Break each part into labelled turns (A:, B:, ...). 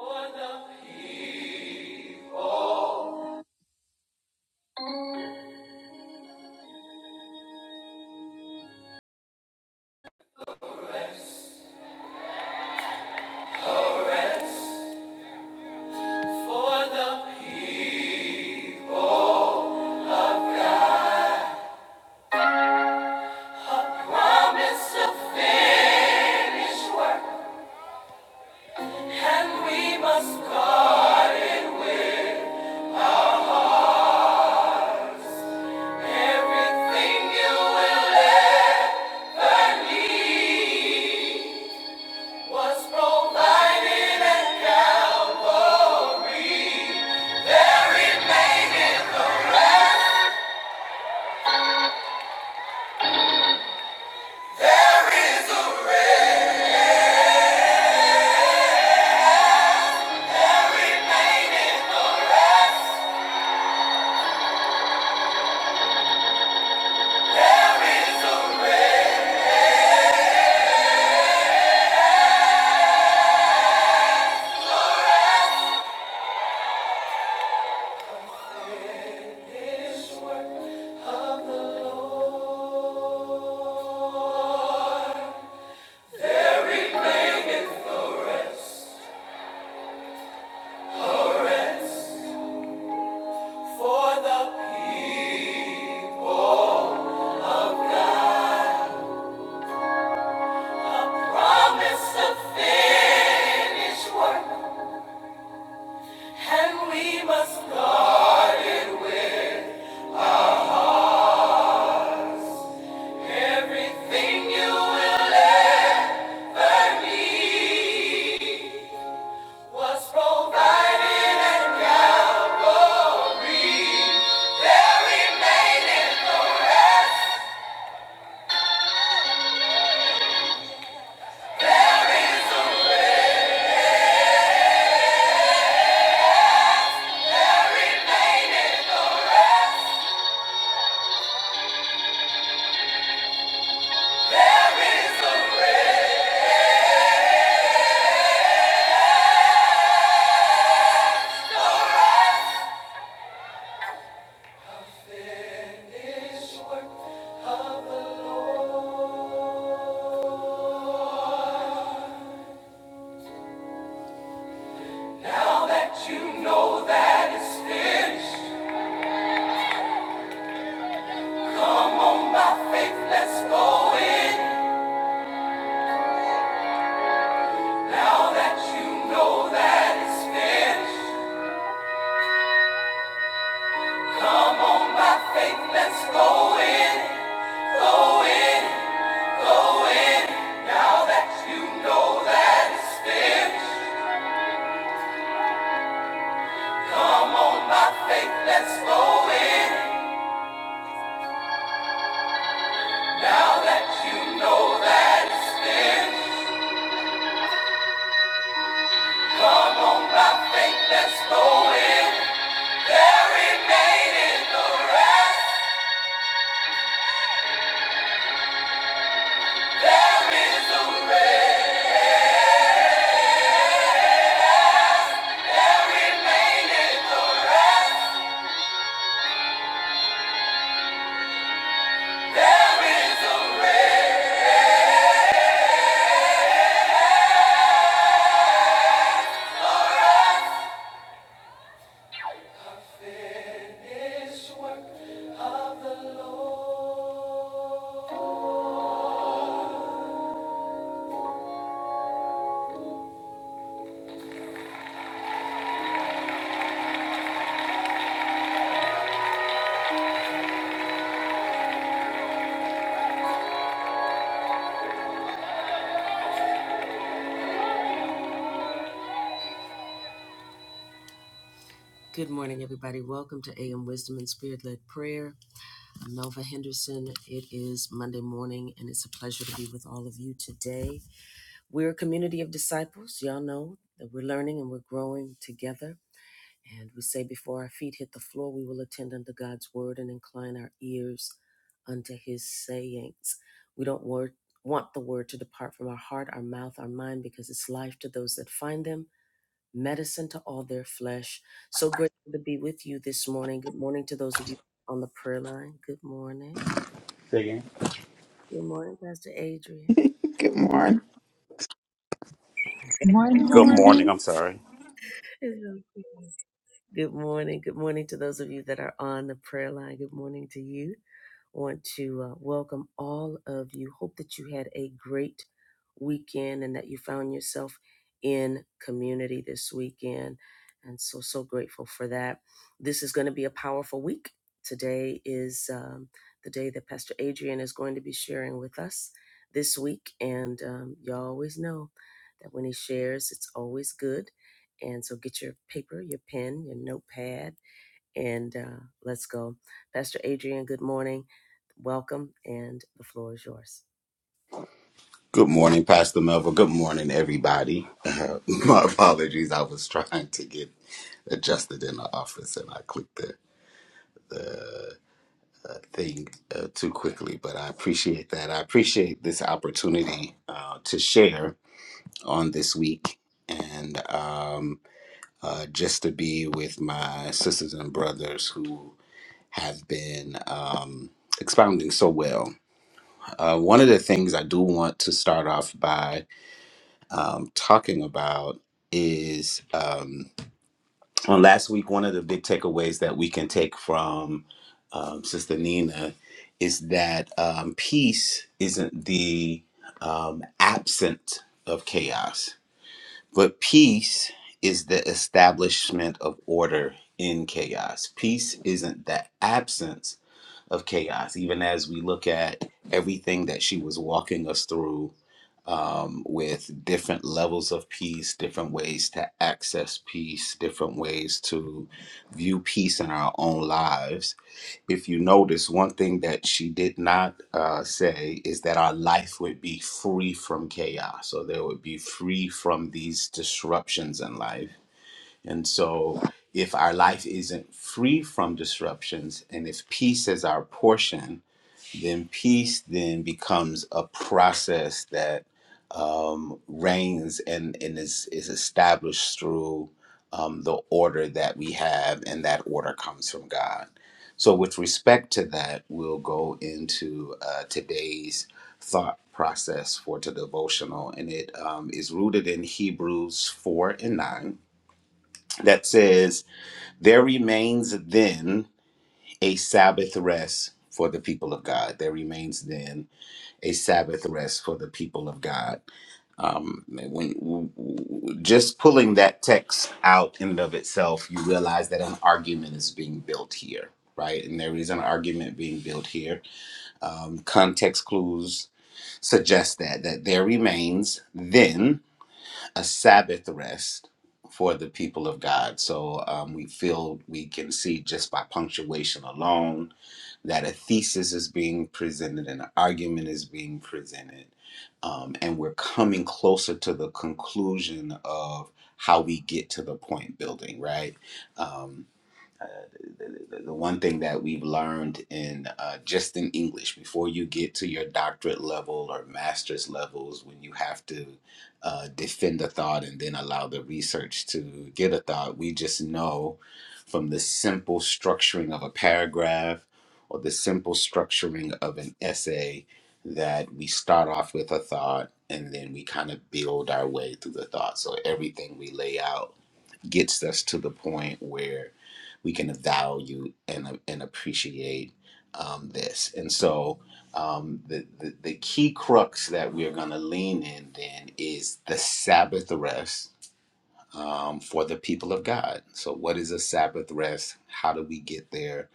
A: For the promise of finished work, and we must guard it with everything you will ever need. Was provided there is a There remaineth a rest. There is a Finished work of the Lord. For the people promise to finish work, and we must guard everything you will ever need was provided at Calvary. Remain finished work of the Lord. Now that you know that it's finished, come on by faith, let's go in. Now that you know that it's finished, come on by faith, let's go in. Go in, go in. Now that you know that it's finished, come on by faith, let's go in. Now that you know that it's finished. Come on by faith, let's go in. There remaineth the rest. There is a rest. There remaineth the rest. There is a rest. This work of the Lord.
B: Singing.
C: Good morning. Good
D: Good
B: Good
E: Morning.
B: morning.
C: morning.
B: I'm sorry. Good morning, Pastor Melville. Good morning, everybody. Uh, my apologies. I was trying to get adjusted in the office and I clicked the uh, thing uh, too quickly, but I appreciate that. I appreciate this opportunity uh, to share on this week and um, uh, just to be with my sisters and brothers who have been um, expounding so well. Uh, one of the things I do want to start off by um, talking about is um, on last week, one of the big takeaways that we can take from um, Sister Nina is that um, peace isn't the um, absent of chaos, but peace is the establishment of order in chaos. Peace isn't the absence of chaos, even as we look at everything that she was walking us through um, with different levels of peace, different ways to access peace, different ways to view peace in our own lives. If you notice, one thing that she did not uh, say is that our life would be free from chaos, or there would be free from these disruptions in life and so, if our life isn't free from disruptions and if peace is our portion, then peace then becomes a process that um, reigns and, and is, is established through um, the order that we have, and that order comes from God. So, with respect to that, we'll go into uh, today's thought process for the devotional, and it um, is rooted in Hebrews 4 and 9 that says, there remains then a Sabbath rest for the people of God. There remains then a Sabbath rest for the people of God. Um, when w- w- just pulling that text out in and of itself, you realize that an argument is being built here, right? And there is an argument being built here. Um, context clues suggest that that there remains then a Sabbath rest for the people of God. So um, we feel we can see just by punctuation alone that a thesis is being presented and an argument is being presented. Um, and we're coming closer to the conclusion of how we get to the point building, right? Um, the, the one thing that we've learned in uh, just in English before you get to your doctorate level or master's levels, when you have to uh, defend a thought and then allow the research to get a thought, we just know from the simple structuring of a paragraph or the simple structuring of an essay that we start off with a thought and then we kind of build our way through the thought. So everything we lay out gets us to the point where we can value and, and appreciate um, this. And so um, the, the, the key crux that we are going to lean in then is the Sabbath rest um, for the people of God. So what is a Sabbath rest? How do we get there?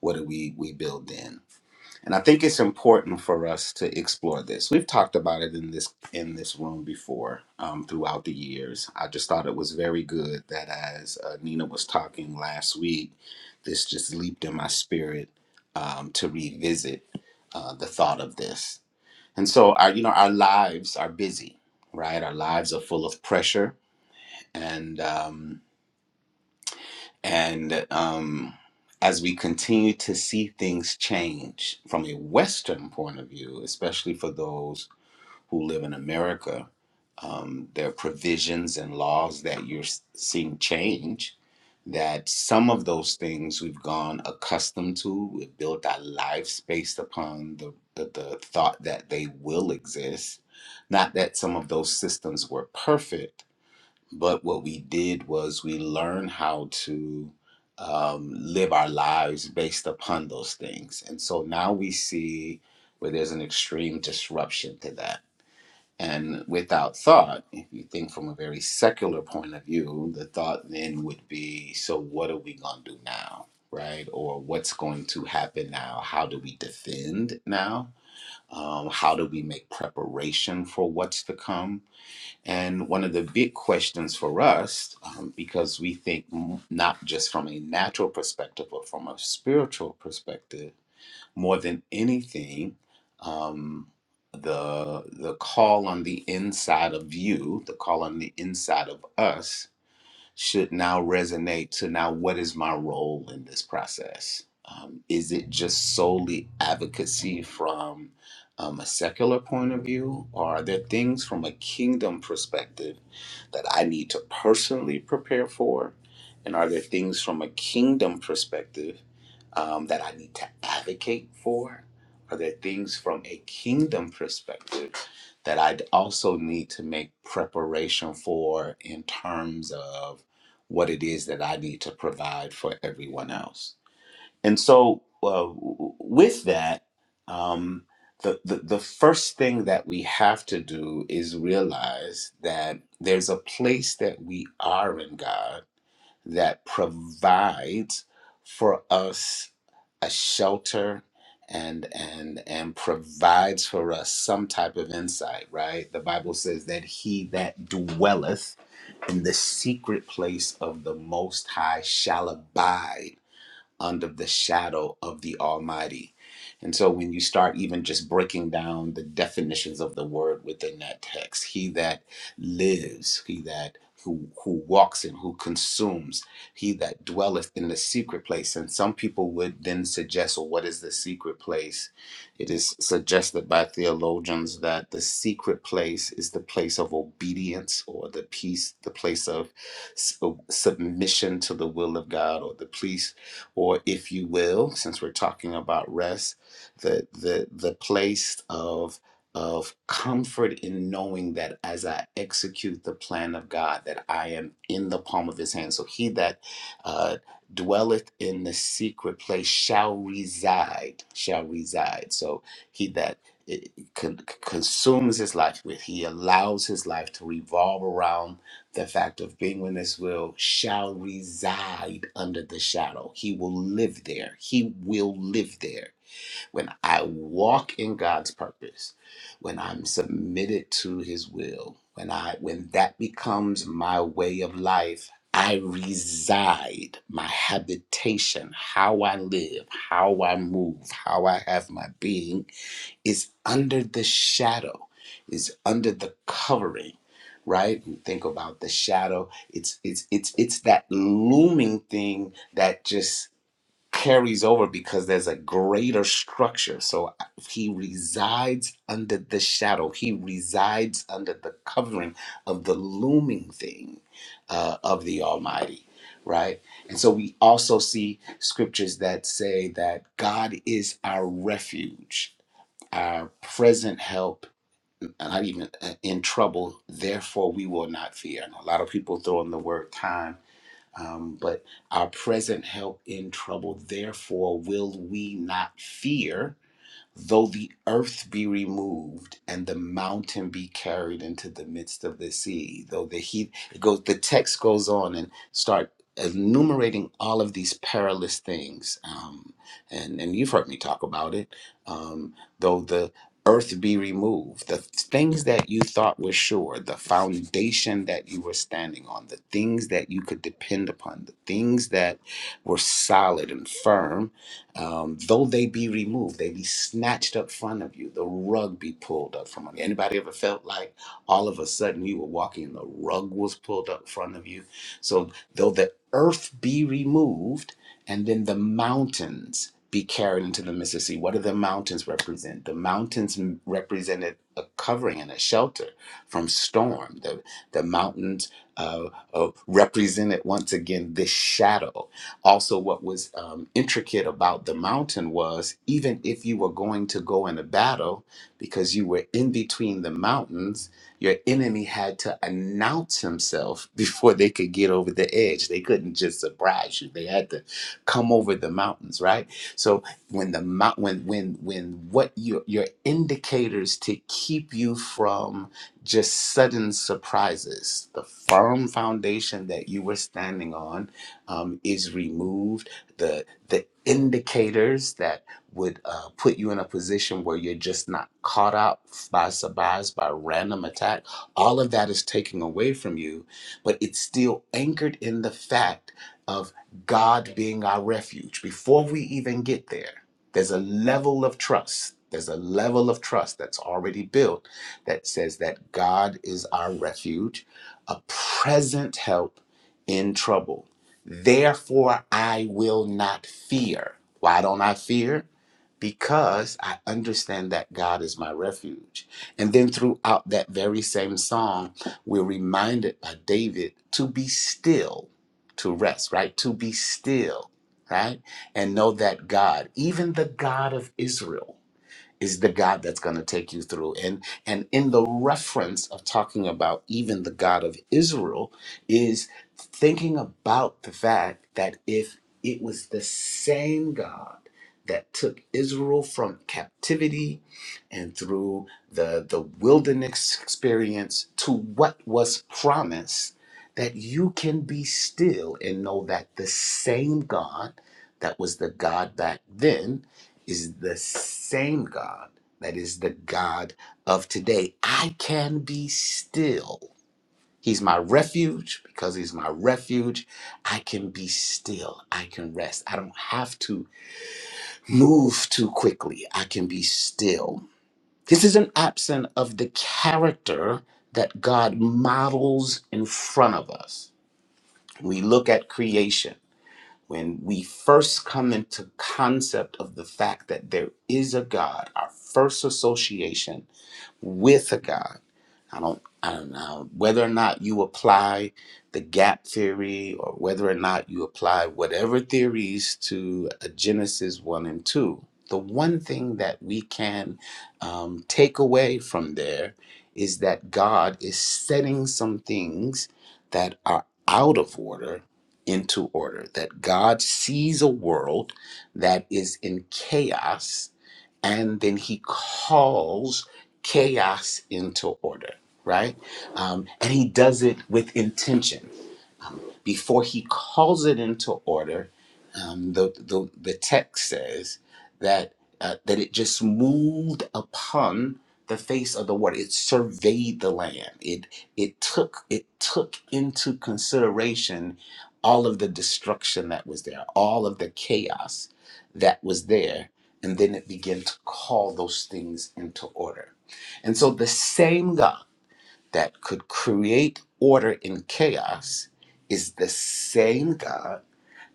B: What do we, we build in? And I think it's important for us to explore this. We've talked about it in this in this room before um, throughout the years. I just thought it was very good that as uh, Nina was talking last week, this just leaped in my spirit um, to revisit uh, the thought of this. And so our you know our lives are busy, right? Our lives are full of pressure and. Um, and um, as we continue to see things change from a Western point of view, especially for those who live in America, um, there are provisions and laws that you're s- seeing change. That some of those things we've gone accustomed to, we've built our lives based upon the, the, the thought that they will exist. Not that some of those systems were perfect, but what we did was we learned how to um, live our lives based upon those things. And so now we see where there's an extreme disruption to that. And without thought, if you think from a very secular point of view, the thought then would be so what are we going to do now? Right? Or what's going to happen now? How do we defend now? Um, how do we make preparation for what's to come? And one of the big questions for us, um, because we think m- not just from a natural perspective, but from a spiritual perspective, more than anything, um, the the call on the inside of you, the call on the inside of us, should now resonate to now what is my role in this process? Um, is it just solely advocacy from um, a secular point of view, or are there things from a kingdom perspective that I need to personally prepare for? And are there things from a kingdom perspective um, that I need to advocate for? Are there things from a kingdom perspective that I also need to make preparation for in terms of? what it is that I need to provide for everyone else. And so, uh, with that, um, the, the, the first thing that we have to do is realize that there's a place that we are in God that provides for us a shelter and and and provides for us some type of insight right the bible says that he that dwelleth in the secret place of the most high shall abide under the shadow of the Almighty. And so when you start even just breaking down the definitions of the word within that text, he that lives, he that who, who walks in, who consumes, he that dwelleth in the secret place. And some people would then suggest, well, what is the secret place? It is suggested by theologians that the secret place is the place of obedience or the peace, the place of s- submission to the will of God or the peace or if you will, since we're talking about rest, the the the place of of comfort in knowing that as I execute the plan of God, that I am in the palm of His hand. So he that uh, dwelleth in the secret place shall reside, shall reside. So he that it con- consumes his life with, he allows his life to revolve around the fact of being in his will shall reside under the shadow. He will live there. He will live there. When I walk in God's purpose, when I'm submitted to his will, when I when that becomes my way of life, I reside, my habitation, how I live, how I move, how I have my being is under the shadow, is under the covering, right? We think about the shadow. It's it's it's it's that looming thing that just carries over because there's a greater structure. So uh, he resides under the shadow. He resides under the covering of the looming thing uh, of the Almighty, right? And so we also see scriptures that say that God is our refuge our present help, uh, not even uh, in trouble. Therefore, we will not fear. And a lot of people throw in the word time, um, but our present help in trouble. Therefore, will we not fear? Though the earth be removed and the mountain be carried into the midst of the sea, though the heath it goes the text goes on and start enumerating all of these perilous things. Um, and, and you've heard me talk about it. Um, though the earth be removed, the things that you thought were sure, the foundation that you were standing on, the things that you could depend upon, the things that were solid and firm um, though they be removed, they be snatched up front of you. The rug be pulled up from under. you. Anybody ever felt like all of a sudden you were walking and the rug was pulled up front of you? So though the earth be removed, and then the mountains be carried into the Mississippi. What do the mountains represent? The mountains m- represented a covering and a shelter from storm. The the mountains uh, uh, represented once again this shadow. Also, what was um, intricate about the mountain was even if you were going to go in a battle, because you were in between the mountains, your enemy had to announce himself before they could get over the edge. They couldn't just surprise you. They had to come over the mountains, right? So when the mount, when when when what your your indicators to keep you from just sudden surprises, the firm foundation that you were standing on um, is removed. The the indicators that would uh, put you in a position where you're just not caught up by surprise, by random attack, all of that is taken away from you, but it's still anchored in the fact of God being our refuge. Before we even get there, there's a level of trust. There's a level of trust that's already built that says that God is our refuge, a present help in trouble. Therefore, I will not fear. Why don't I fear? Because I understand that God is my refuge. And then throughout that very same song, we're reminded by David to be still, to rest, right? To be still, right? And know that God, even the God of Israel, is the God that's going to take you through. And and in the reference of talking about even the God of Israel is thinking about the fact that if it was the same God that took Israel from captivity and through the the wilderness experience to what was promised that you can be still and know that the same God that was the God back then is the same God that is the God of today. I can be still. He's my refuge because he's my refuge. I can be still. I can rest. I don't have to move too quickly. I can be still. This isn't absent of the character that God models in front of us. We look at creation when we first come into concept of the fact that there is a god our first association with a God. I don't, I don't know whether or not you apply the gap theory or whether or not you apply whatever theories to a Genesis 1 and 2. The one thing that we can um, take away from there is that God is setting some things that are out of order into order, that God sees a world that is in chaos and then he calls chaos into order, right? Um, and he does it with intention before he calls it into order, um, the, the, the text says that, uh, that it just moved upon the face of the water. It surveyed the land. It, it, took, it took into consideration all of the destruction that was there, all of the chaos that was there, and then it began to call those things into order. And so the same God that could create order in chaos is the same God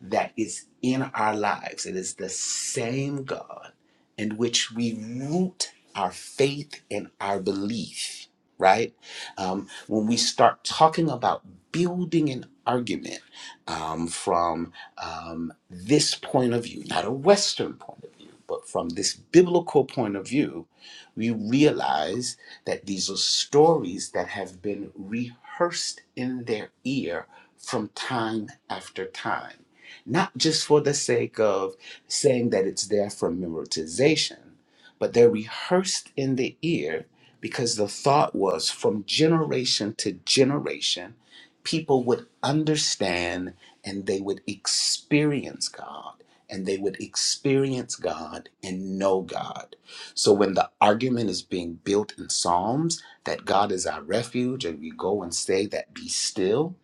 B: that is in our lives. It is the same God in which we root our faith and our belief, right? Um, when we start talking about building an argument um, from um, this point of view, not a Western point of view, but from this biblical point of view, we realize that these are stories that have been rehearsed in their ear from time after time not just for the sake of saying that it's there for memorization, but they're rehearsed in the ear because the thought was from generation to generation, people would understand and they would experience God. And they would experience God and know God. So when the argument is being built in Psalms that God is our refuge, and we go and say that, be still,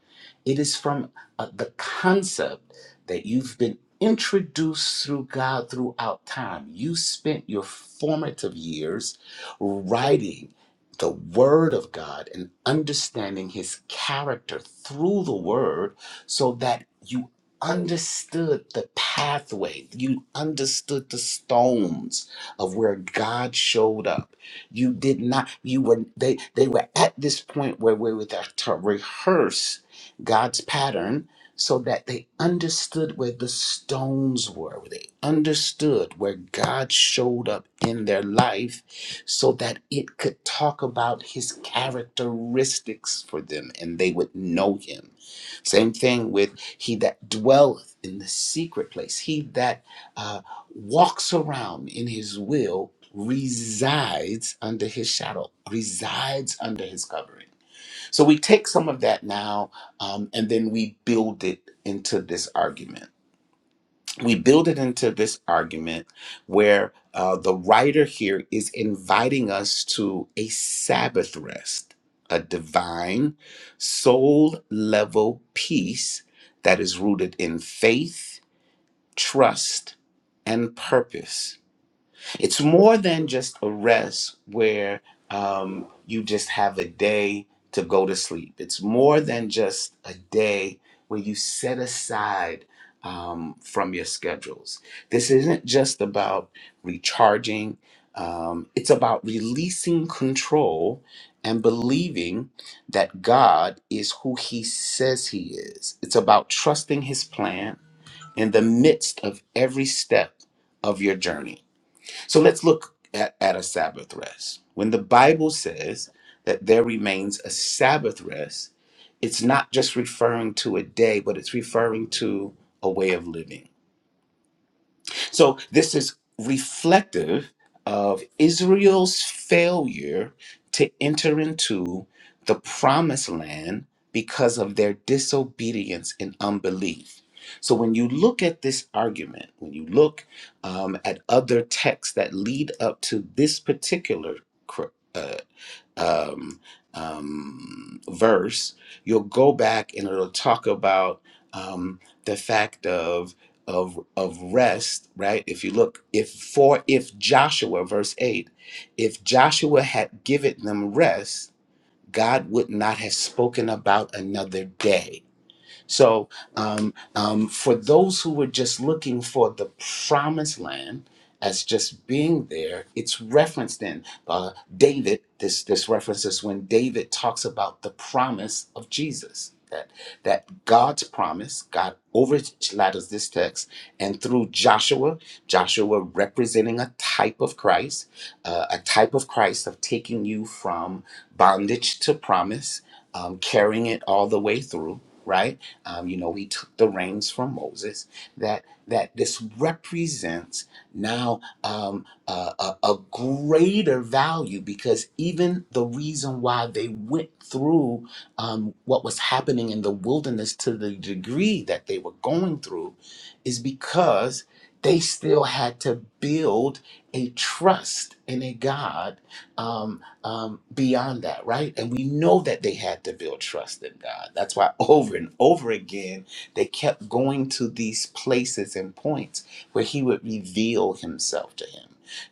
B: it is from uh, the concept that you've been introduced through God throughout time. You spent your formative years writing the Word of God and understanding His character through the Word so that you understood the pathway, you understood the stones of where God showed up. You did not, you were, they, they were at this point where we were to rehearse God's pattern so that they understood where the stones were. They understood where God showed up in their life so that it could talk about his characteristics for them and they would know him. Same thing with he that dwelleth in the secret place, he that uh, walks around in his will resides under his shadow, resides under his covering. So we take some of that now um, and then we build it into this argument. We build it into this argument where uh, the writer here is inviting us to a Sabbath rest, a divine soul level peace that is rooted in faith, trust, and purpose it's more than just a rest where um, you just have a day to go to sleep. It's more than just a day where you set aside um, from your schedules. This isn't just about recharging, um, it's about releasing control and believing that God is who He says He is. It's about trusting His plan in the midst of every step of your journey. So let's look at, at a Sabbath rest. When the Bible says that there remains a Sabbath rest, it's not just referring to a day, but it's referring to a way of living. So this is reflective of Israel's failure to enter into the promised land because of their disobedience and unbelief. So when you look at this argument, when you look um, at other texts that lead up to this particular uh, um, um, verse, you'll go back and it'll talk about um, the fact of of of rest, right? If you look, if for if Joshua, verse eight, if Joshua had given them rest, God would not have spoken about another day so, um, um, for those who were just looking for the promised land as just being there, it's referenced in uh, David. This this references when David talks about the promise of Jesus. That that God's promise, God overshadows this text, and through Joshua, Joshua representing a type of Christ, uh, a type of Christ of taking you from bondage to promise, um, carrying it all the way through right? Um, you know, he took the reins from Moses. That that this represents now um, a, a a greater value because even the reason why they went through um, what was happening in the wilderness to the degree that they were going through is because they still had to build a trust in a God um, um, beyond that, right? And we know that they had to build trust in God. That's why over and over again, they kept going to these places and points where He would reveal Himself to him.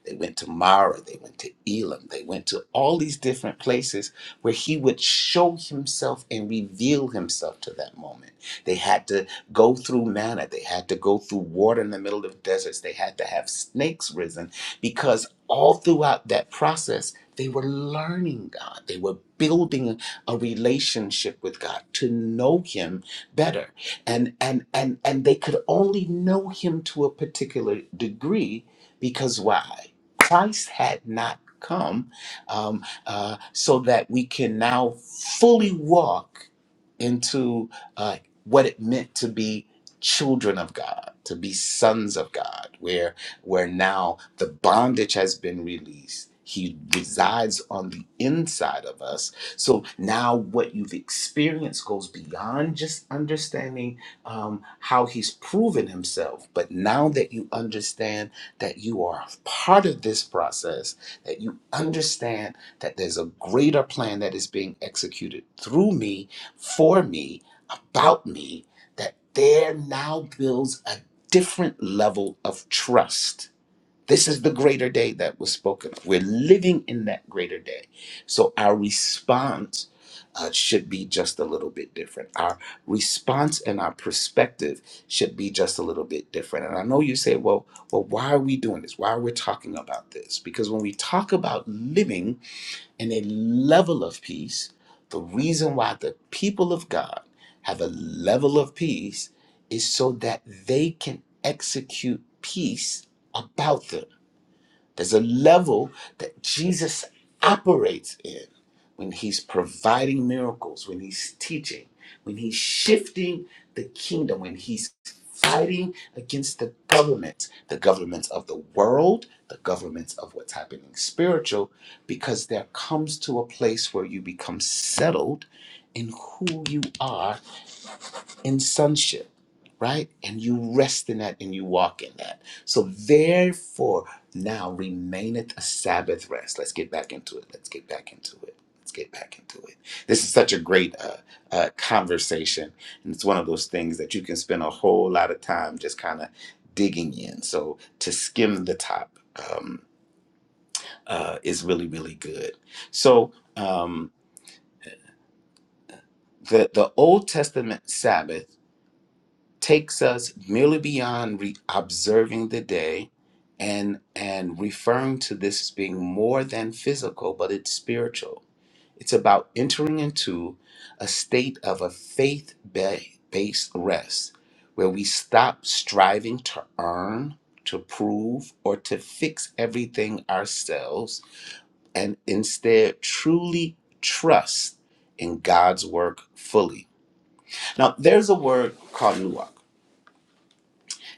B: They went to Mara, they went to Elam, they went to all these different places where He would show Himself and reveal Himself to that moment. They had to go through manna, they had to go through water in the middle of deserts, they had to have snakes risen because all throughout that process, they were learning God. They were building a relationship with God to know him better. And and and and they could only know him to a particular degree because why? Christ had not come um, uh, so that we can now fully walk into uh, what it meant to be children of God, to be sons of God, where where now the bondage has been released. He resides on the inside of us. So now what you've experienced goes beyond just understanding um, how he's proven himself. But now that you understand that you are part of this process, that you understand that there's a greater plan that is being executed through me, for me, about me, that there now builds a different level of trust. This is the greater day that was spoken of. We're living in that greater day. So our response uh, should be just a little bit different. Our response and our perspective should be just a little bit different. And I know you say, well, well, why are we doing this? Why are we talking about this? Because when we talk about living, and a level of peace. The reason why the people of God have a level of peace is so that they can execute peace about them. There's a level that Jesus operates in when he's providing miracles, when he's teaching, when he's shifting the kingdom, when he's fighting against the government, the governments of the world, the governments of what's happening spiritual, because there comes to a place where you become settled in who you are in sonship, right? And you rest in that and you walk in that. So, therefore, now remaineth a Sabbath rest. Let's get back into it. Let's get back into it. Let's get back into it. This is such a great uh, uh, conversation, and it's one of those things that you can spend a whole lot of time just kind of digging in. So to skim the top um, uh, is really really good. So um, the the Old Testament Sabbath. takes us merely beyond re- observing the day and and referring to this as being more than physical but it's spiritual it's about entering into a state of a faith based rest where we stop striving to earn to prove or to fix everything ourselves and instead truly trust in God's work fully. Now, there's a word called nuance.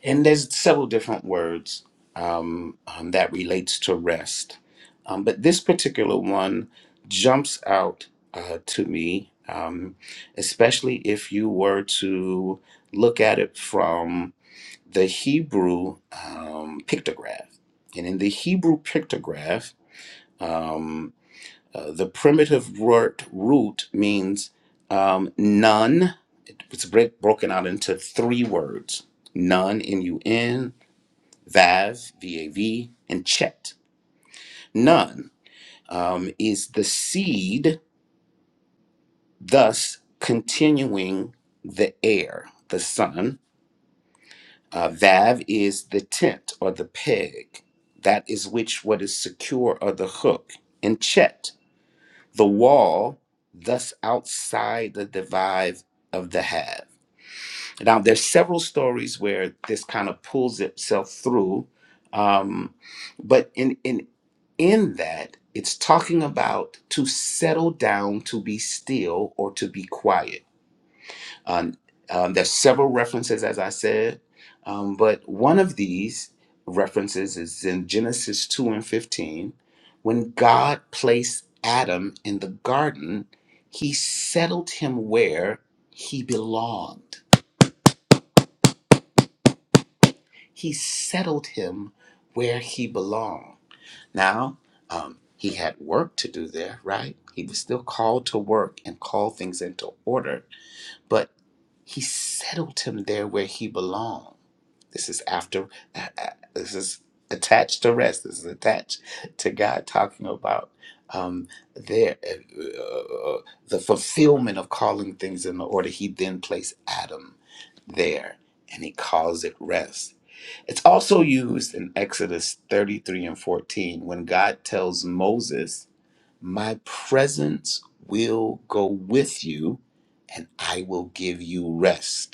B: And there's several different words um, um, that relates to rest, um, but this particular one jumps out uh, to me, um, especially if you were to look at it from the Hebrew um, pictograph. And in the Hebrew pictograph, um, uh, the primitive word root means um, none. It's break, broken out into three words: none, N-U-N Vav, V-A-V, and Chet. None um, is the seed, thus continuing the air, the sun. Uh, vav is the tent or the peg. That is which what is secure or the hook. And Chet, the wall, thus outside the divive of the halves. Now, there's several stories where this kind of pulls itself through, um, but in in in that, it's talking about to settle down, to be still, or to be quiet. Um, um, there's several references, as I said, um, but one of these references is in Genesis two and fifteen, when God placed Adam in the garden, He settled him where he belonged He settled him where he belonged. Now, um, he had work to do there, right? He was still called to work and call things into order, but he settled him there where he belonged. This is after, uh, uh, this is attached to rest. This is attached to God talking about um, there uh, uh, the fulfillment of calling things in order. He then placed Adam there, and he calls it rest it's also used in Exodus 33 and 14 when God tells Moses, My presence will go with you and I will give you rest.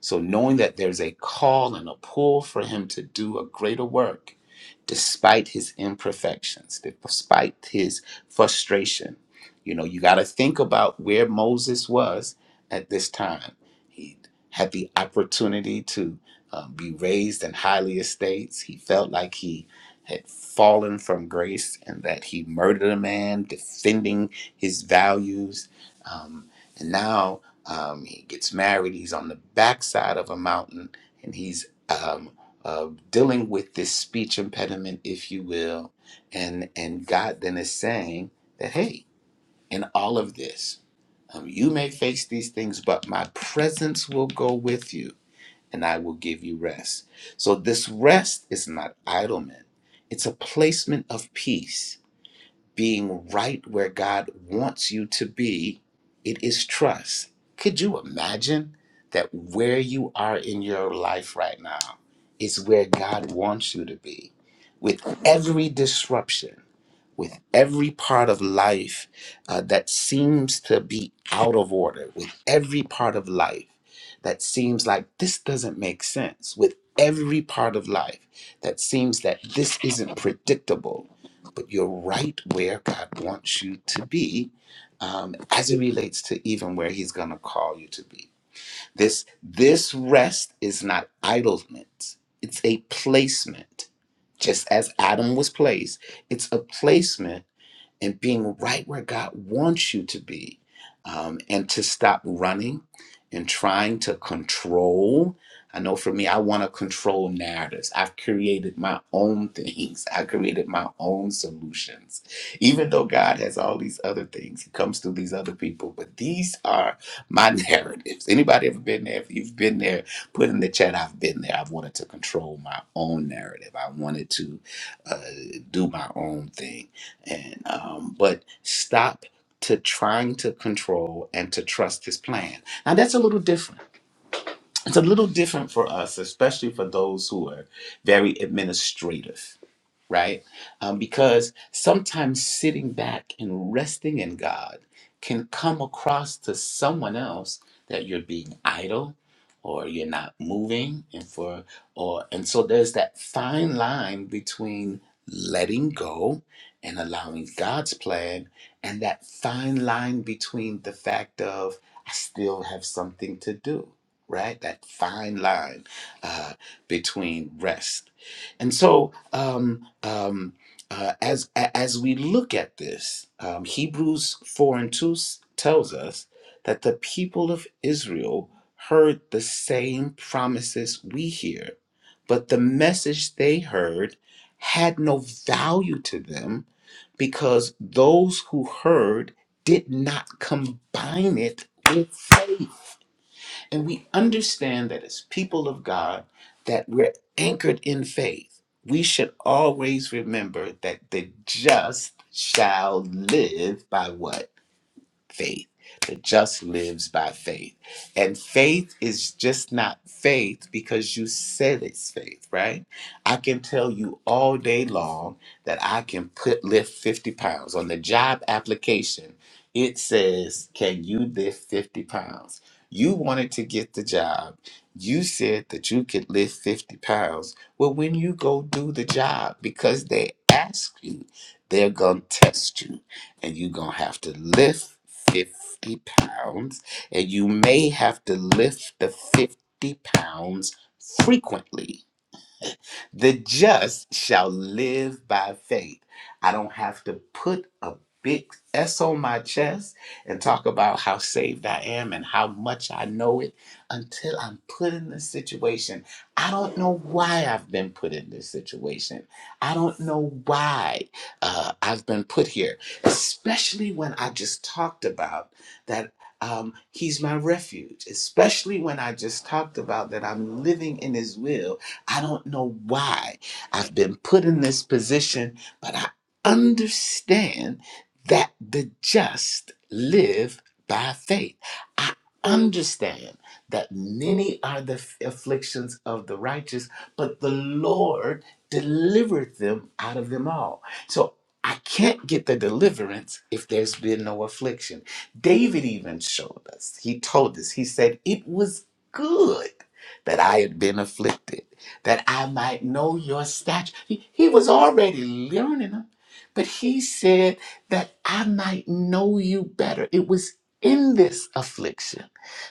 B: So, knowing that there's a call and a pull for him to do a greater work, despite his imperfections, despite his frustration, you know, you got to think about where Moses was at this time. He had the opportunity to um, be raised in highly estates. He felt like he had fallen from grace and that he murdered a man defending his values. Um, and now, um, he gets married. He's on the backside of a mountain, and he's um, uh, dealing with this speech impediment, if you will. And and God then is saying that, hey, in all of this, um, you may face these things, but my presence will go with you, and I will give you rest. So this rest is not idleness; it's a placement of peace being right where God wants you to be, it is trust. Could you imagine that where you are in your life right now is where God wants you to be with every disruption? with every part of life uh, that seems to be out of order, with every part of life that seems like this doesn't make sense, with every part of life that seems that this isn't predictable, but you're right where God wants you to be um, as it relates to even where He's going to call you to be. This, this rest is not idleness, it's a placement. Just as Adam was placed, it's a placement and being right where God wants you to be, um, and to stop running and trying to control. I know for me, I want to control narratives. I've created my own things. I created my own solutions. Even though God has all these other things, He comes through these other people, but these are my narratives. Anybody ever been there? If you've been there, put in the chat, I've been there. I've wanted to control my own narrative. I wanted to uh, do my own thing and um, but stop to trying to control and to trust his plan now that's a little different it's a little different for us especially for those who are very administrative right? Um, because sometimes sitting back and resting in God can come across to someone else that you're being idle or you're not moving and for or and so there's that fine line between letting go and allowing God's plan and that fine line between the fact of I still have something to do, right? That fine line uh, between rest and so, um, um, uh, as a- as we look at this, um, Hebrews four and two s- tells us that the people of Israel heard the same promises we hear, but the message they heard had no value to them because those who heard did not combine it with faith. And we understand that as people of God, that we're anchored in faith. We should always remember that the just shall live by what? faith. The just lives by faith. And faith is just not faith because you said it's faith, right? I can tell you all day long that I can put lift 50 pounds. On the job application, it says, Can you lift 50 pounds? You wanted to get the job. You said that you could lift 50 pounds. Well, when you go do the job, because they ask you, they're going to test you and you're gonna have to lift 50 pounds, and you may have to lift the 50 pounds frequently the just shall live by faith. I don't have to put a big S on my chest and talk about how saved I am and how much I know it until I'm put in this situation. I don't know why I've been put in this situation. I don't know why uh, I've been put here, especially when I just talked about that. Um, he's my refuge, especially when I just talked about that I'm living in his will I don't know why I've been put in this position, but I understand that the just live by faith. I understand that many are the afflictions of the righteous, but the Lord delivered them out of them all. So I can't get the deliverance if there's been no affliction. David even showed us, he told us, he said, It was good that I had been afflicted that I might know your statute. He, he was already learning them, but he said that I might know you better. It was in this affliction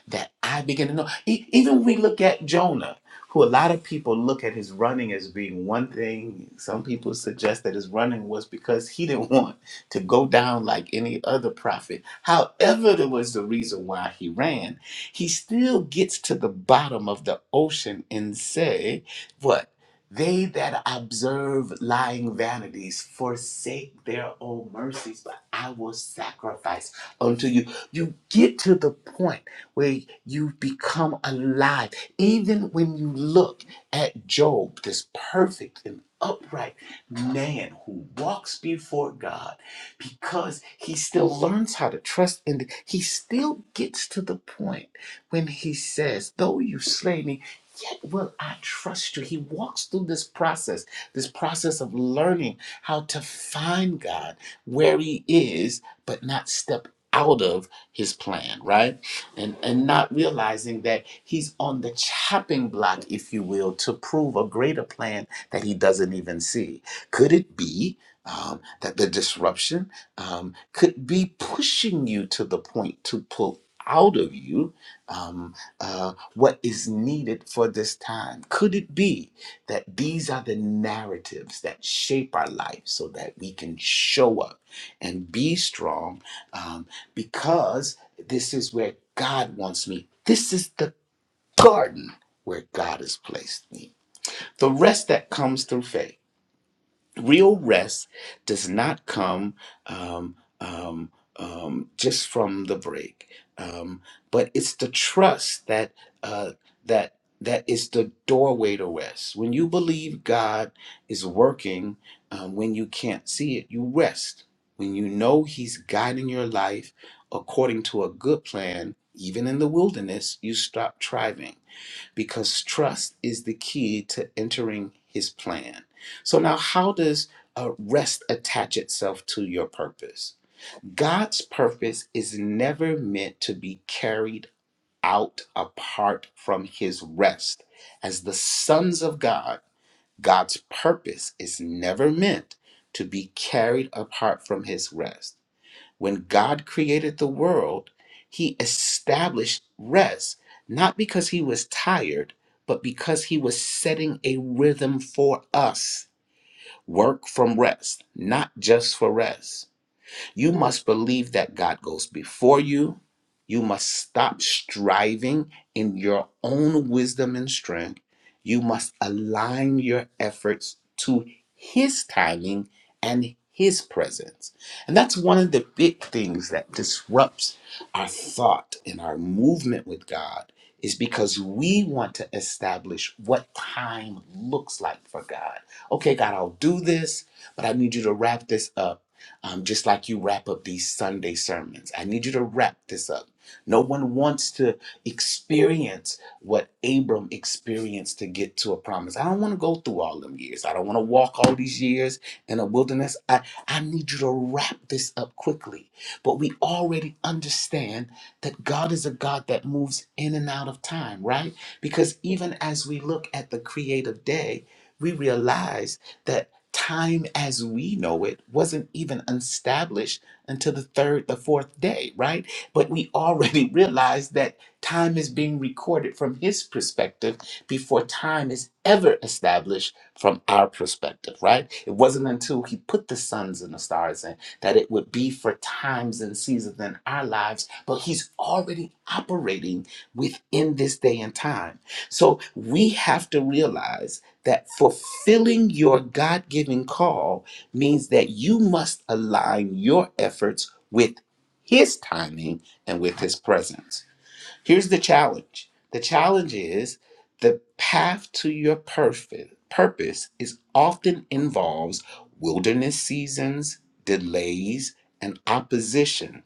B: that I begin to know. E- even we look at Jonah, who a lot of people look at his running as being one thing. Some people suggest that his running was because he didn't want to go down like any other prophet. However, there was the reason why he ran. He still gets to the bottom of the ocean and say what? They that observe lying vanities forsake their own mercies, but I will sacrifice unto you. You get to the point where you become alive. Even when you look at Job, this perfect and upright man who walks before God, because he still learns how to trust in, the, he still gets to the point when he says, Though you slay me, Yet will I trust you. He walks through this process, this process of learning how to find God where he is, but not step out of his plan, right? And and not realizing that he's on the chopping block, if you will, to prove a greater plan that he doesn't even see. Could it be um, that the disruption um, could be pushing you to the point to pull out of you? um, uh, what is needed for this time? Could it be that these are the narratives that shape our life so that we can show up and be strong um, because this is where God wants me? This is the garden where God has placed me. The rest that comes through faith real rest does not come um, um, um, just from the break, um, but it's the trust that uh, that that is the doorway to rest. When you believe God is working, um, when you can't see it, you rest. When you know He's guiding your life according to a good plan, even in the wilderness, you stop striving because trust is the key to entering his plan. So, now how does uh, rest attach itself to your purpose? God's purpose is never meant to be carried out apart from his rest. As the sons of God, God's purpose is never meant to be carried apart from his rest. When God created the world, he established rest, not because he was tired, but because he was setting a rhythm for us. Work from rest, not just for rest. You must believe that God goes before you. You must stop striving in your own wisdom and strength. You must align your efforts to His timing and His presence. And that's one of the big things that disrupts our thought and our movement with God is because we want to establish what time looks like for God. Okay, God, I'll do this, but I need you to wrap this up um, just like you wrap up these Sunday sermons. I need you to wrap this up. No one wants to experience what Abram experienced to get to a promise. I don't want to go through all them years. I don't want to walk all these years in a wilderness. I, I need you to wrap this up quickly. But we already understand that God is a God that moves in and out of time, right? Because even as we look at the creative day, we realize that time as we know it wasn't even established until the third, the fourth day, right? But we already realize that time is being recorded from his perspective before time is ever established from our perspective, right? It wasn't until he put the suns and the stars in that it would be for times and seasons in our lives, but he's already operating within this day and time. So we have to realize that fulfilling your God given call means that you must align your efforts with His timing and with His presence. Here's the challenge the challenge is the path to your perfect purpose is often involves wilderness seasons, delays, and opposition.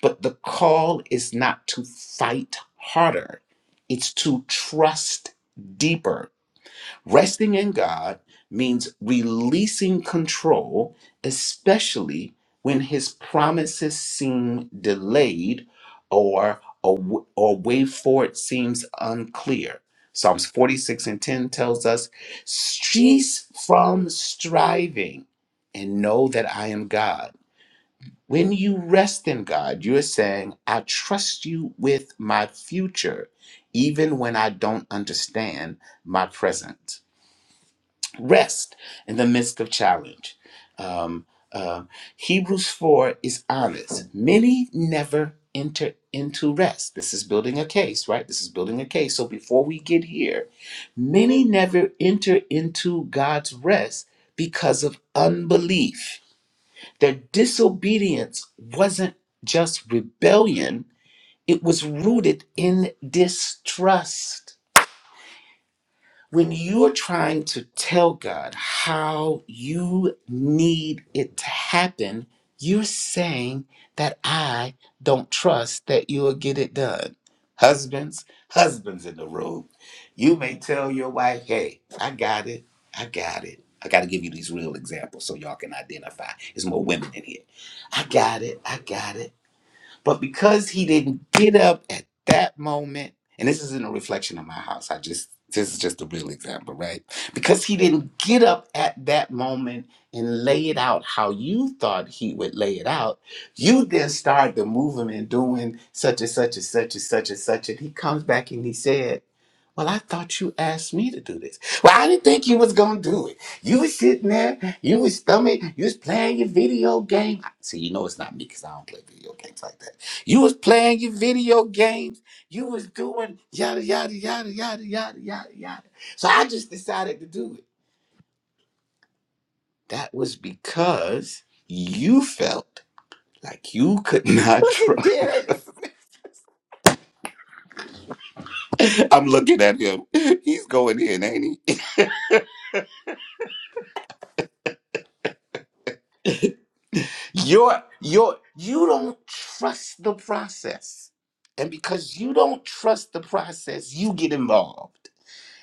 B: But the call is not to fight harder, it's to trust deeper Resting in God means releasing control, especially when his promises seem delayed or a w- or way forward seems unclear. Psalms 46 and 10 tells us, cease from striving and know that I am God. When you rest in God, you're saying, I trust you with my future, even when I don't understand my present rest in the midst of challenge. Um, uh, Hebrews 4 is honest. Many never enter into rest. This is building a case, right? This is building a case. So before we get here, many never enter into God's rest because of unbelief. Their disobedience wasn't just rebellion, it was rooted in distrust. When you're trying to tell God how you need it to happen, you're saying that I don't trust that you'll get it done. Husbands, husbands in the room, you may tell your wife, hey, I got it, I got it. I got to give you these real examples so y'all can identify. There's more women in here. I got it, I got it. But because he didn't get up at that moment, and this isn't a reflection of my house, I just this is just a real example, right? Because he didn't get up at that moment and lay it out how you thought he would lay it out, you then started the movement and doing such and such and such and such and such. And he comes back and he said, Well, I thought you asked me to do this. Well, I didn't think you was gonna do it. You was sitting there, you was stomach, you was playing your video game. See, you know it's not me because I don't play video games like that. You was playing your video games. You was doing yada yada yada yada yada yada yada. So I just decided to do it. That was because you felt like you could not
C: Look at
B: trust.
C: Derek.
B: I'm looking at him. He's going in, ain't he? You're you're you don't trust the process. And because you don't trust the process, you get involved.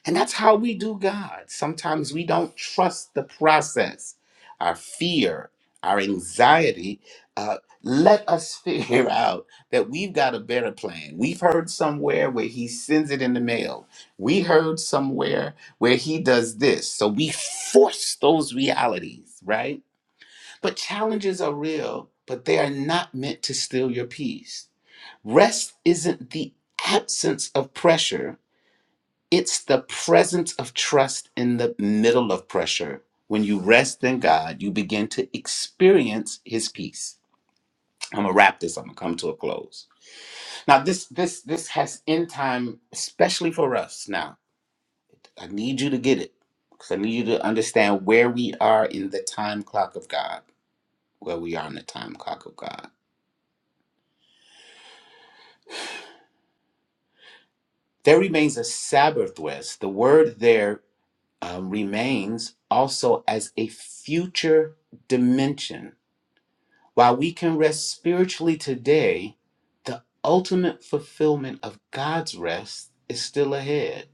B: And that's how we do God. Sometimes we don't trust the process. Our fear, our anxiety, uh, let us figure out that we've got a better plan. We've heard somewhere where He sends it in the mail. We heard somewhere where He does this. So we force those realities, right? But challenges are real, but they are not meant to steal your peace. Rest isn't the absence of pressure it's the presence of trust in the middle of pressure. When you rest in God, you begin to experience his peace. I'm gonna wrap this. I'm gonna come to a close. Now, this this this has end time, especially for us. Now, I need you to get it because I need you to understand where we are in the time clock of God. Where we are in the time clock of God. There remains a Sabbath rest. The word there uh, remains also as a future dimension While we can rest spiritually today, the ultimate fulfillment of God's rest is still ahead.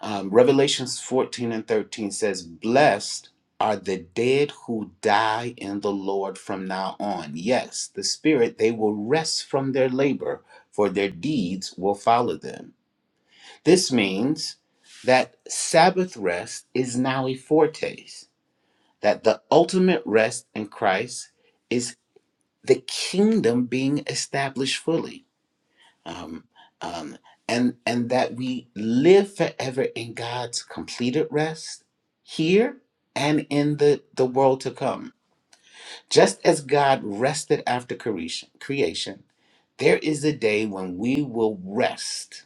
B: Um, Revelations 14 and 13 says, Blessed are the dead who die in the Lord from now on. Yes, the Spirit, they will rest from their labor, for their deeds will follow them. This means that Sabbath rest is now a foretaste, that the ultimate rest in Christ is the kingdom being established fully um, um, and and that we live forever in god's completed rest here and in the the world to come just as god rested after creation creation there is a day when we will rest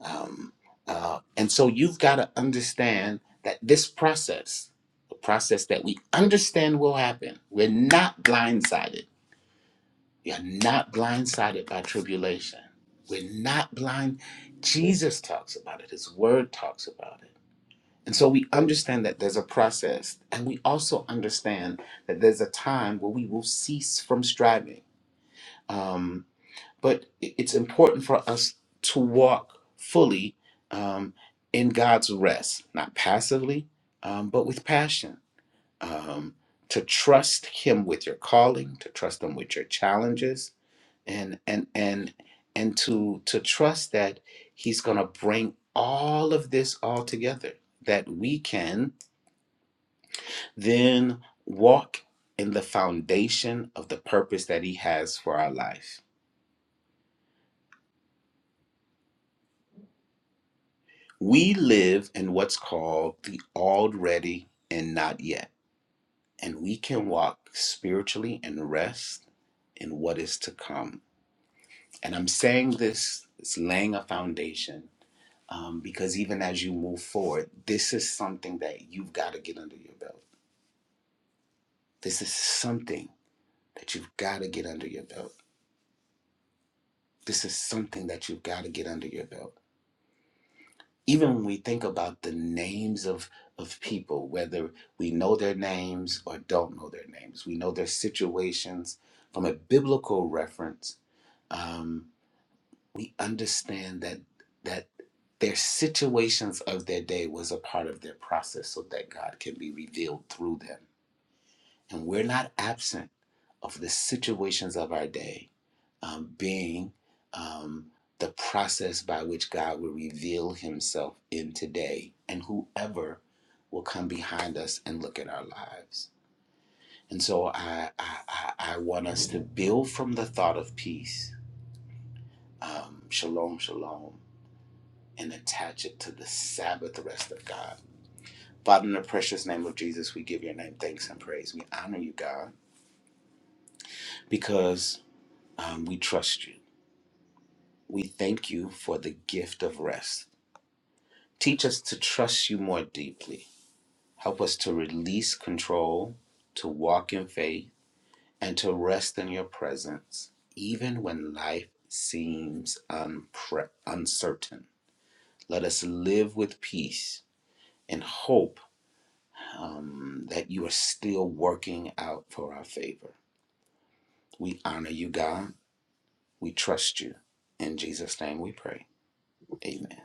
B: um, uh, and so you've got to understand that this process the process that we understand will happen we're not blindsided you're not blindsided by tribulation. We're not blind. Jesus talks about it, His Word talks about it. And so we understand that there's a process, and we also understand that there's a time where we will cease from striving. Um, but it- it's important for us to walk fully um, in God's rest, not passively, um, but with passion um, to trust him with your calling to trust him with your challenges and and and and to to trust that he's going to bring all of this all together that we can then walk in the foundation of the purpose that he has for our life we live in what's called the already and not yet and we can walk spiritually and rest in what is to come And I'm saying this, it's laying a foundation um, because even as you move forward, this is something that you've got to get under your belt. This is something that you've got to get under your belt. This is something that you've got to get under your belt. Even when we think about the names of, of people, whether we know their names or don't know their names, we know their situations from a biblical reference. Um, we understand that that their situations of their day was a part of their process so that God can be revealed through them. And we're not absent of the situations of our day um, being um, the process by which God will reveal himself in today and whoever will come behind us and look at our lives. And so I, I, I I want us to build from the thought of peace. Um, shalom, shalom and attach it to the Sabbath rest of God. Father, in the precious name of Jesus, we give your name thanks and praise. We honor you, God, because um, we trust you. We thank you for the gift of rest. Teach us to trust you more deeply. Help us to release control, to walk in faith, and to rest in your presence, even when life seems unpre- uncertain. Let us live with peace and hope um, that you are still working out for our favor. We honor you, God. We trust you. In Jesus' name we pray. Amen.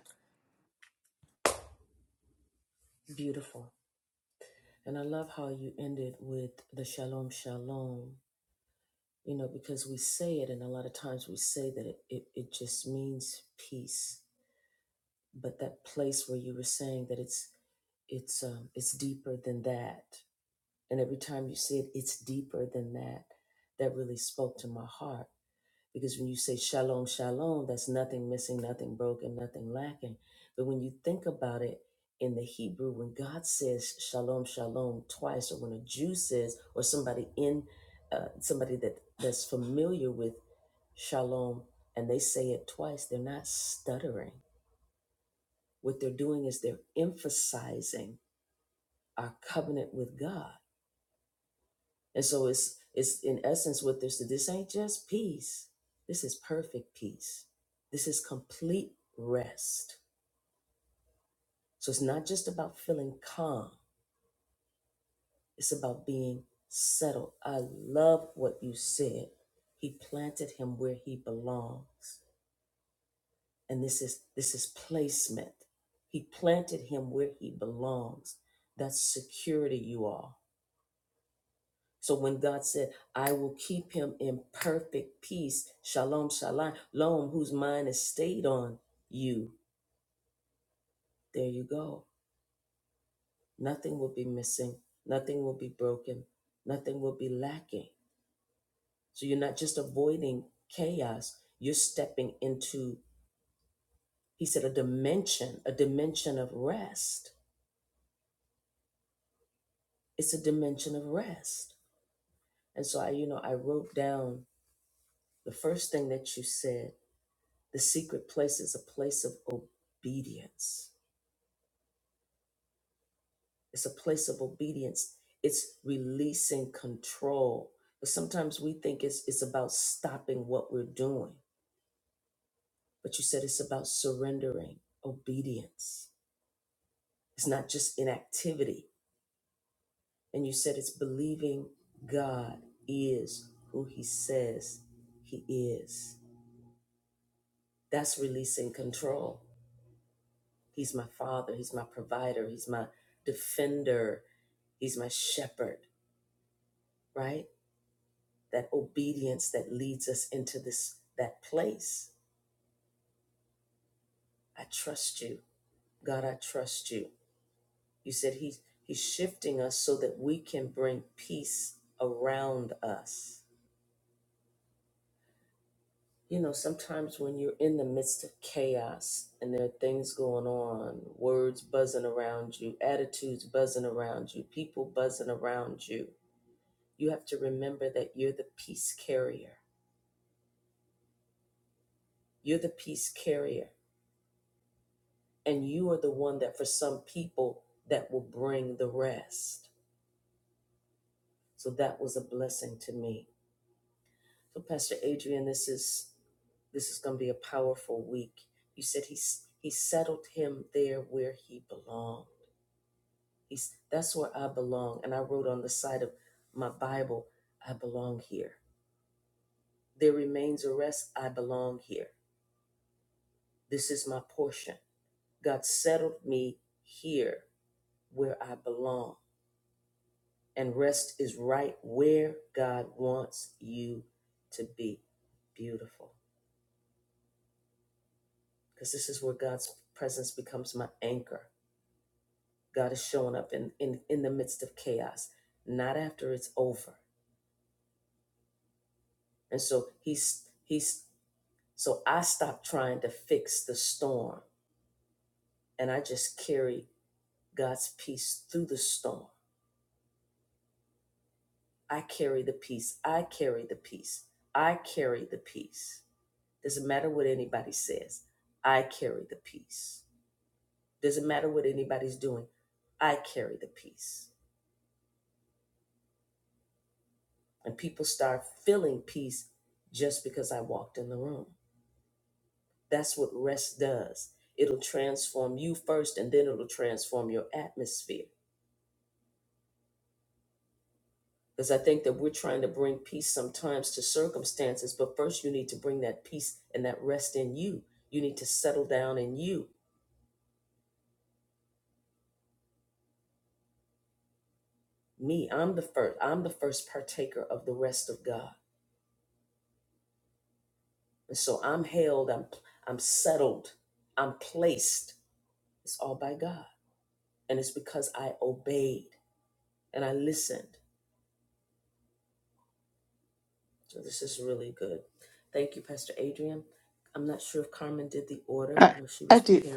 C: I, I did.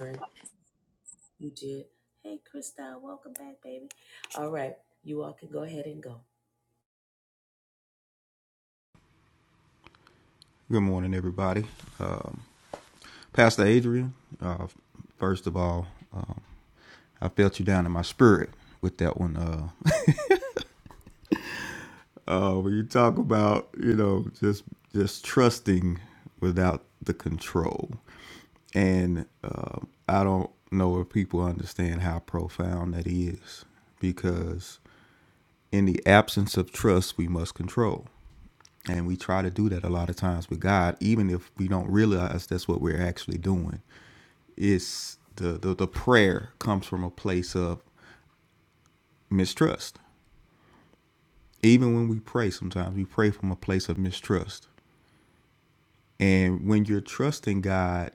F: Good morning, everybody. Um, Pastor Adrian, uh, first of all, um, I felt you down in my spirit with that one. Uh, uh, when you talk about, you know, just just trusting without the control, and uh, I don't know if people understand how profound that is, because in the absence of trust, we must control, and we try to do that a lot of times with God, even if we don't realize that's what we're actually doing it's the, the the prayer comes from a place of mistrust. Even when we pray, sometimes we pray from a place of mistrust. And when you're trusting God,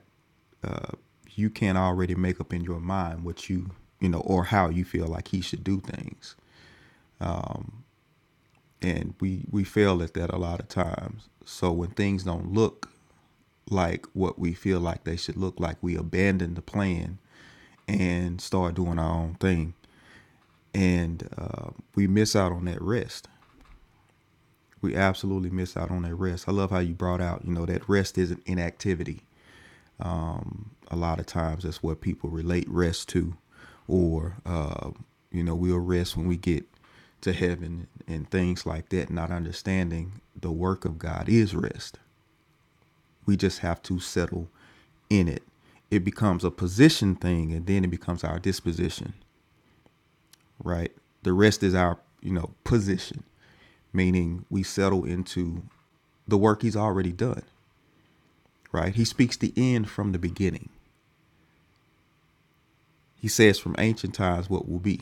F: you can't already make up in your mind what you you know or how you feel like He should do things. And we we fail at that a lot of times. So when things don't look like what we feel like they should look like, we abandon the plan and start doing our own thing, and uh, we miss out on that rest we absolutely miss out on that rest. I love how you brought out, you know, that rest isn't inactivity. A lot of times that's what people relate rest to, or, uh, you know, we'll rest when we get to heaven and things like that, not understanding the work of God is rest. We just have to settle in it. It becomes a position thing and then it becomes our disposition, right? The rest is our, you know, position, meaning we settle into the work he's already done. right? He speaks the end from the beginning. He says from ancient times what will be.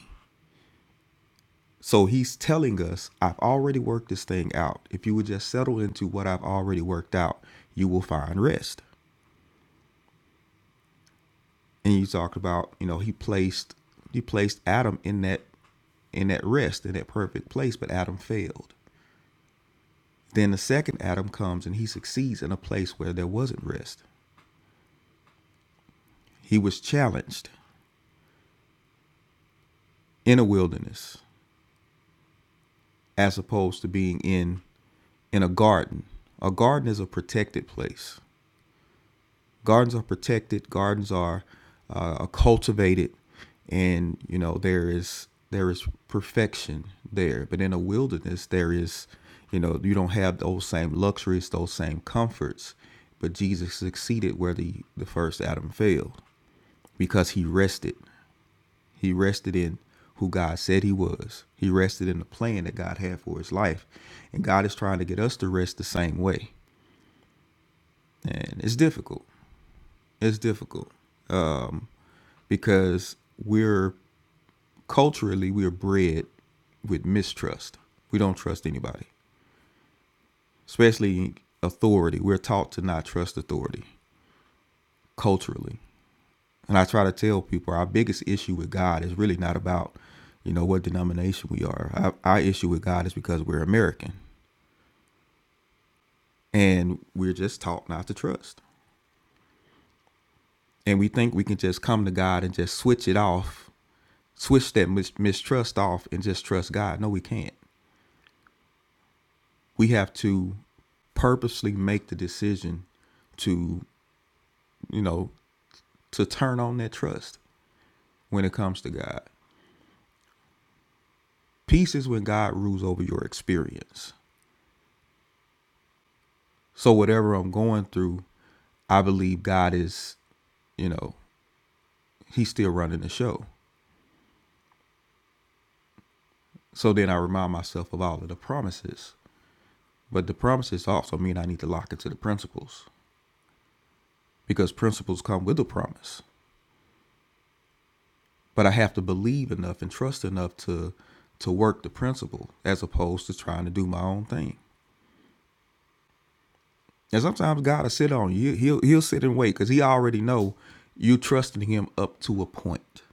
F: So he's telling us, I've already worked this thing out. If you would just settle into what I've already worked out, you will find rest. And you talked about, you know, he placed he placed Adam in that in that rest, in that perfect place, but Adam failed. Then the second Adam comes and he succeeds in a place where there wasn't rest. He was challenged in a wilderness as opposed to being in in a garden. A garden is a protected place. Gardens are protected. Gardens are uh, cultivated, and you know there is there is perfection there. But in a wilderness, there is you know you don't have those same luxuries, those same comforts. But Jesus succeeded where the the first Adam failed because he rested. He rested in who God said he was. He rested in the plan that God had for his life, and God is trying to get us to rest the same way. And it's difficult. It's difficult because we're culturally we're bred with mistrust. We don't trust anybody, especially authority. We're taught to not trust authority culturally. And I try to tell people our biggest issue with God is really not about, you know, what denomination we are. Our, our issue with God is because we're American and we're just taught not to trust. and we think we can just come to God and just switch it off, switch that mis- mistrust off, and just trust God. No, we can't. We have to purposely make the decision to, you know, to turn on that trust when it comes to God. Peace is when God rules over your experience. So whatever I'm going through, I believe God is, you know, He's still running the show. So then I remind myself of all of the promises. But the promises also mean I need to lock into the principles. because principles come with a promise. But I have to believe enough and trust enough to to work the principle as opposed to trying to do my own thing. And sometimes God will sit on you. He'll he'll sit and wait because he already know you trusting him up to a point.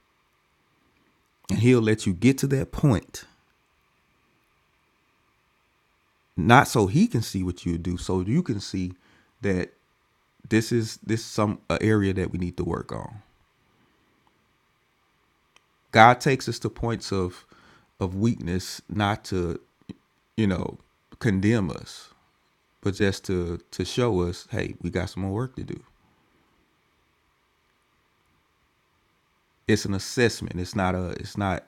F: And he'll let you get to that point. Not so he can see what you do, so you can see that this is this is some a area that we need to work on. God takes us to points of of weakness not to, you know, condemn us, but just to to show us, hey, we got some more work to do. It's an assessment. It's not a. It's not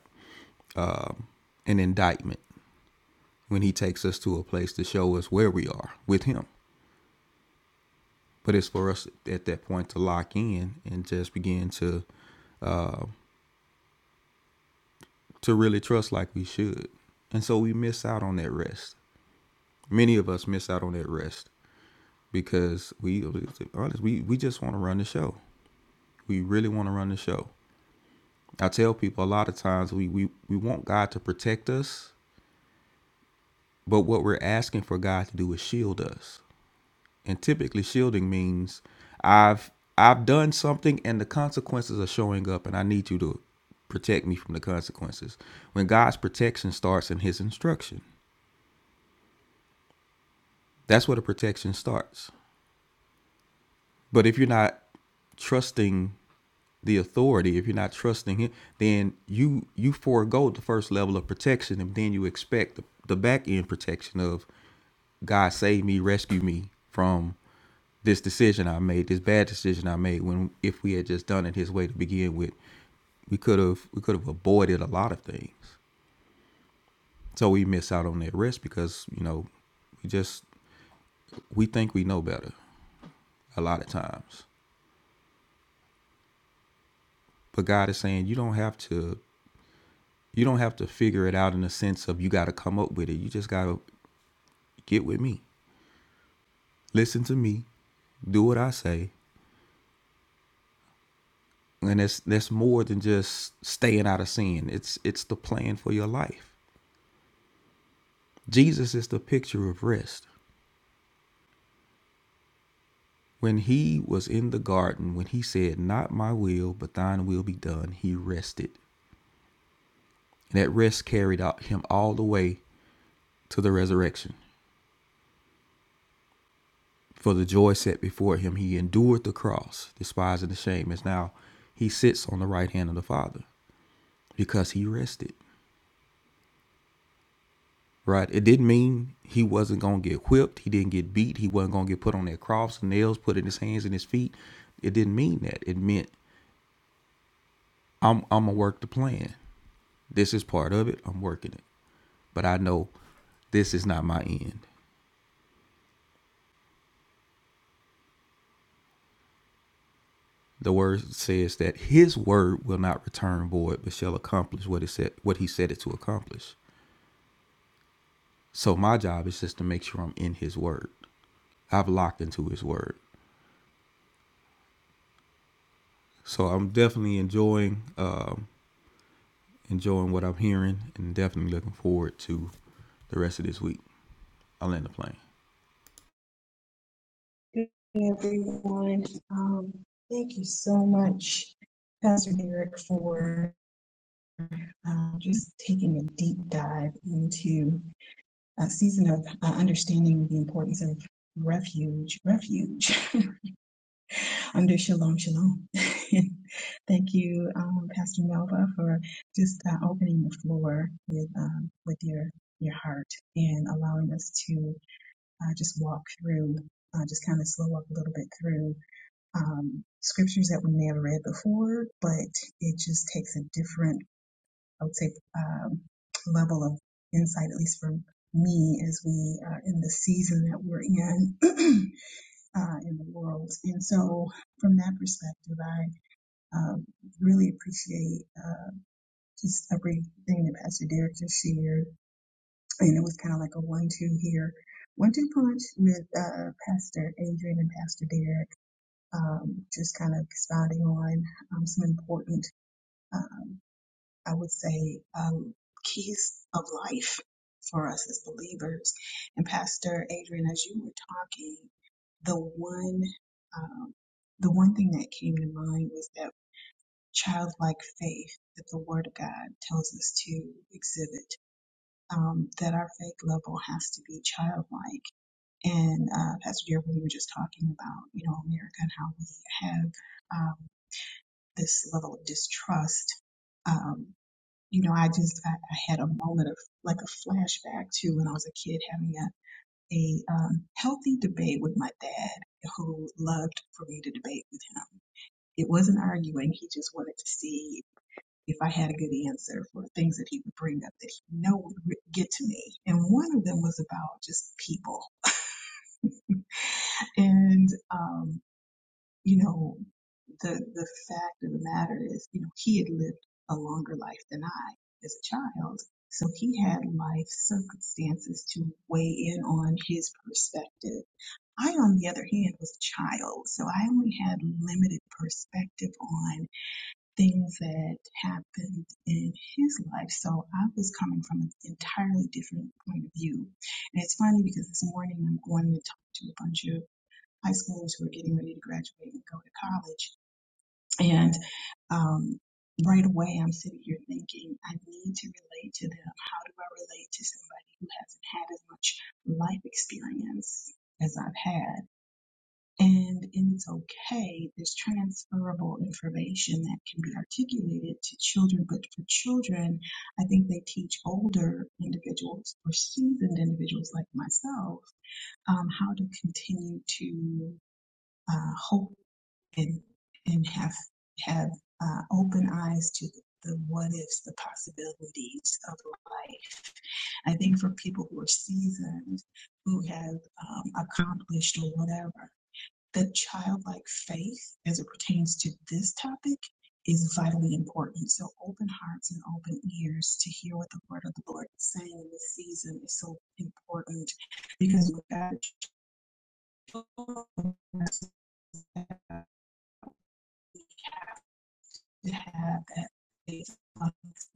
F: um, an indictment when he takes us to a place to show us where we are with him. But it's for us at that point to lock in and just begin to to really trust like we should. And so we miss out on that rest. Many of us miss out on that rest because we, to be honest, we, we just want to run the show. We really want to run the show. I tell people a lot of times we, we, we want God to protect us But what we're asking for God to do is shield us. And typically shielding means I've I've done something and the consequences are showing up and I need you to protect me from the consequences. When God's protection starts in his instruction. That's where the protection starts. But if you're not trusting the authority, if you're not trusting it, then you you forego the first level of protection, and then you expect the, the back end protection of God save me, rescue me from this decision I made, this bad decision I made. When if we had just done it His way to begin with, we could have we could have avoided a lot of things. So we miss out on that rest because you know we just we think we know better a lot of times. But God is saying you don't have to. you don't have to figure it out in the sense of you got to come up with it. You just got to get with me, listen to me, do what I say, and that's that's more than just staying out of sin. It's it's the plan for your life. Jesus is the picture of rest. When he was in the garden, when he said, "Not my will, but thine will be done," he rested. And that rest carried out him all the way to the resurrection. For the joy set before him, he endured the cross, despising the shame, As now he sits on the right hand of the Father because he rested. Right? It didn't mean he wasn't going to get whipped. He didn't get beat. He wasn't going to get put on that cross, nails put in his hands and his feet. It didn't mean that. It meant I'm I'm gonna work the plan. This is part of it. I'm working it, but I know this is not my end. The word says that His word will not return void, but shall accomplish what it said what He said it to accomplish. So my job is just to make sure I'm in His Word. I've locked into His Word. So I'm definitely enjoying um, enjoying what I'm hearing, and definitely looking forward to the rest of this week. I'll land the plane.
D: morning, everyone. Um, thank you so much, Pastor Derek, for um, just taking a deep dive into a season of uh, understanding the importance of refuge, refuge under Shalom Shalom. thank you, um, Pastor Melva, for just uh, opening the floor with um, with your your heart and allowing us to uh, just walk through, uh, just kind of slow up a little bit through. um, scriptures that we may have read before, but it just takes a different, I would say, um, level of insight, at least for me, as we are in the season that we're in uh, in the world. And so, from that perspective, I um, really appreciate uh, just everything that Pastor Derek just shared. And it was kind of like a one-two here, one-two punch with uh, Pastor Adrian and Pastor Derek um, just kind of expounding on um, some important, um, I would say, um, keys of life for us as believers. And Pastor Adrian, as you were talking, the one, um, the one thing that came to mind was that childlike faith that the Word of God tells us to exhibit. Um, that our faith level has to be childlike. And uh, Pastor Jerry, we were just talking about, you know, America and how we have. um, this level of distrust. Um, you know, I just I, I had a moment of like a flashback to when I was a kid having a a um, healthy debate with my dad, who loved for me to debate with him. It wasn't arguing; he just wanted to see if I had a good answer for the things that he would bring up that he know would re- get to me. And one of them was about just people, and um, you know, the the fact of the matter is, you know, he had lived a longer life than I as a child. So he had life circumstances to weigh in on his perspective. I, on the other hand, was a child, so I only had limited perspective on things that happened in his life. So I was coming from an entirely different point of view. And it's funny because this morning I'm going to talk to a bunch of high schoolers who are getting ready to graduate and go to college and um, right away, I'm sitting here thinking, I need to relate to them. How do I relate to somebody who hasn't had as much life experience as I've had? And, and it's okay, there's transferable information that can be articulated to children, but for children, I think they teach older individuals or seasoned individuals like myself um, how to continue to. uh, hold and and have have uh, open eyes to the the what ifs, the possibilities of life. I think for people who are seasoned, who have um, accomplished or whatever, the childlike faith as it pertains to this topic is vitally important. So open hearts and open ears to hear what the word of the Lord is saying in this season is so important because without to have a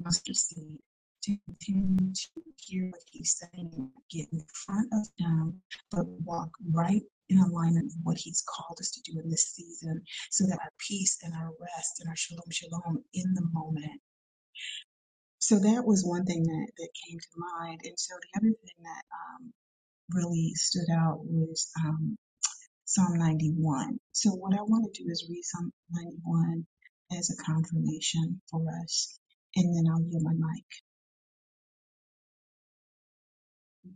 D: mustard seed to continue to hear what he's saying, get in front of him, but walk right in alignment with what he's called us to do in this season so that our peace and our rest and our shalom shalom in the moment. So that was one thing that, that came to mind. And so the other thing that um, really stood out was um, Psalm 91. So, what I want to do is read Psalm 91 as a confirmation for us, and then I'll yield my mic.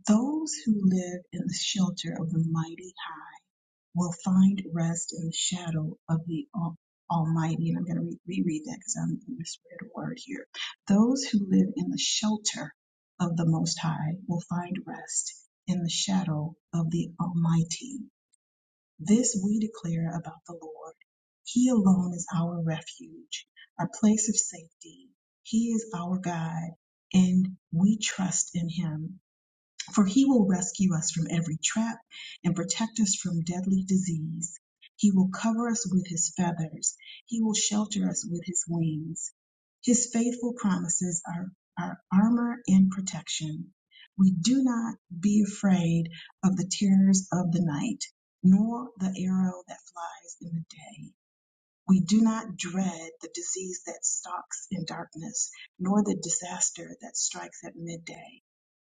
D: Those who live in the shelter of the mighty high will find rest in the shadow of the Al- Almighty. And I'm going to re- reread that because I'm in the spirit of word here. Those who live in the shelter of the Most High will find rest in the shadow of the Almighty. This we declare about the Lord. He alone is our refuge, our place of safety. He is our God, and we trust in him. For he will rescue us from every trap and protect us from deadly disease. He will cover us with his feathers. He will shelter us with his wings. His faithful promises are our armor and protection. We do not be afraid of the terrors of the night, nor the arrow that flies in the day. We do not dread the disease that stalks in darkness, nor the disaster that strikes at midday.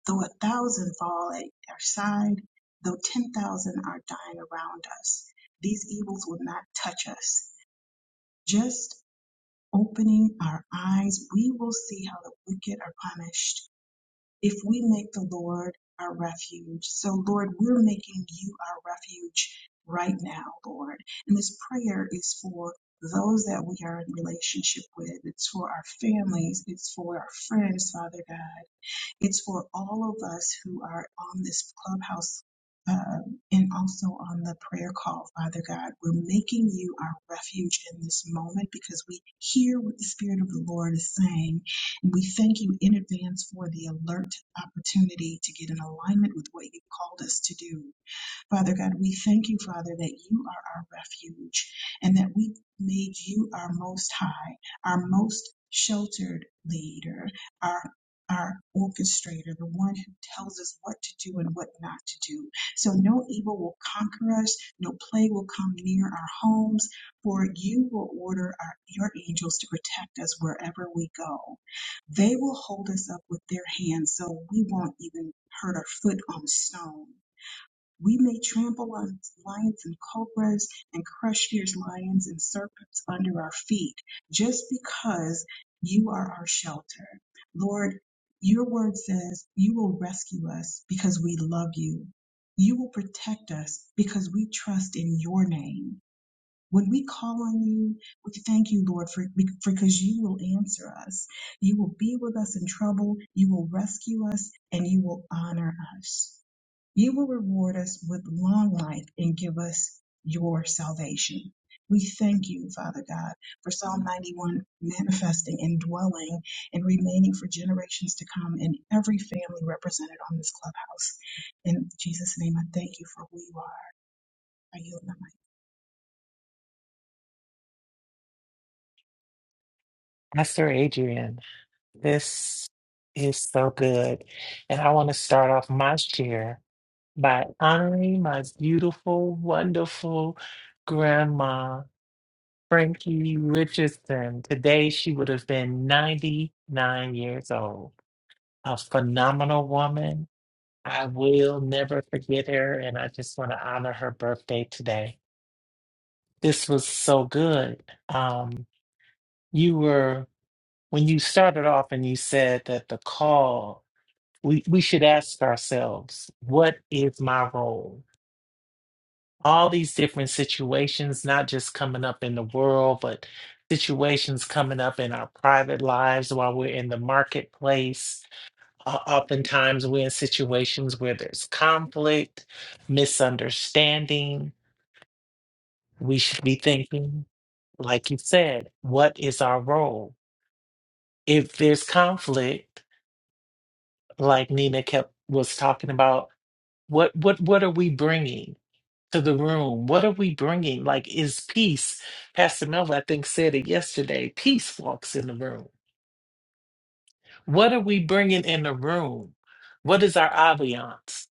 D: Though a thousand fall at our side, though 10,000 are dying around us, these evils will not touch us. Just opening our eyes, we will see how the wicked are punished if we make the Lord our refuge. So, Lord, we're making you our refuge right now, Lord. And this prayer is for those that we are in relationship with, it's for our families, it's for our friends, Father God. It's for all of us who are on this clubhouse uh, and also on the prayer call, Father God. We're making you our refuge in this moment because we hear what the Spirit of the Lord is saying. And we thank you in advance for the alert opportunity to get in alignment with what you called us to do. Father God, we thank you, Father, that you are our refuge and that we made you our most high, our most sheltered leader, our our orchestrator, the one who tells us what to do and what not to do. So no evil will conquer us, no plague will come near our homes, for you will order our, your angels to protect us wherever we go. They will hold us up with their hands so we won't even hurt our foot on stone. We may trample on lions and cobras and crush fierce lions and serpents under our feet just because you are our shelter. Lord, your word says you will rescue us because we love you. You will protect us because we trust in your name. When we call on you, we thank you, Lord, for because you will answer us. You will be with us in trouble. You will rescue us and you will honor us. You will reward us with long life and give us your salvation. We thank you, Father God, for Psalm 91 manifesting and dwelling and remaining for generations to come in every family represented on this clubhouse. In Jesus' name, I thank you for who you are. I yield my
G: Pastor Adrian, this is so good. And I want to start off my share by honoring my beautiful, wonderful grandma, Frankie Richardson. Today, she would have been 99 years old. A phenomenal woman. I will never forget her. And I just want to honor her birthday today. This was so good. Um, you were, when you started off and you said that the call, we, we should ask ourselves, what is my role? All these different situations, not just coming up in the world, but situations coming up in our private lives while we're in the marketplace. O- Oftentimes, we're in situations where there's conflict, misunderstanding. We should be thinking, like you said, what is our role? If there's conflict, like Nina kept was talking about, what what what are we bringing? to the room? What are we bringing? Like, is peace? Pastor Melvin, I think, said it yesterday. Peace walks in the room. What are we bringing in the room? What is our ambiance?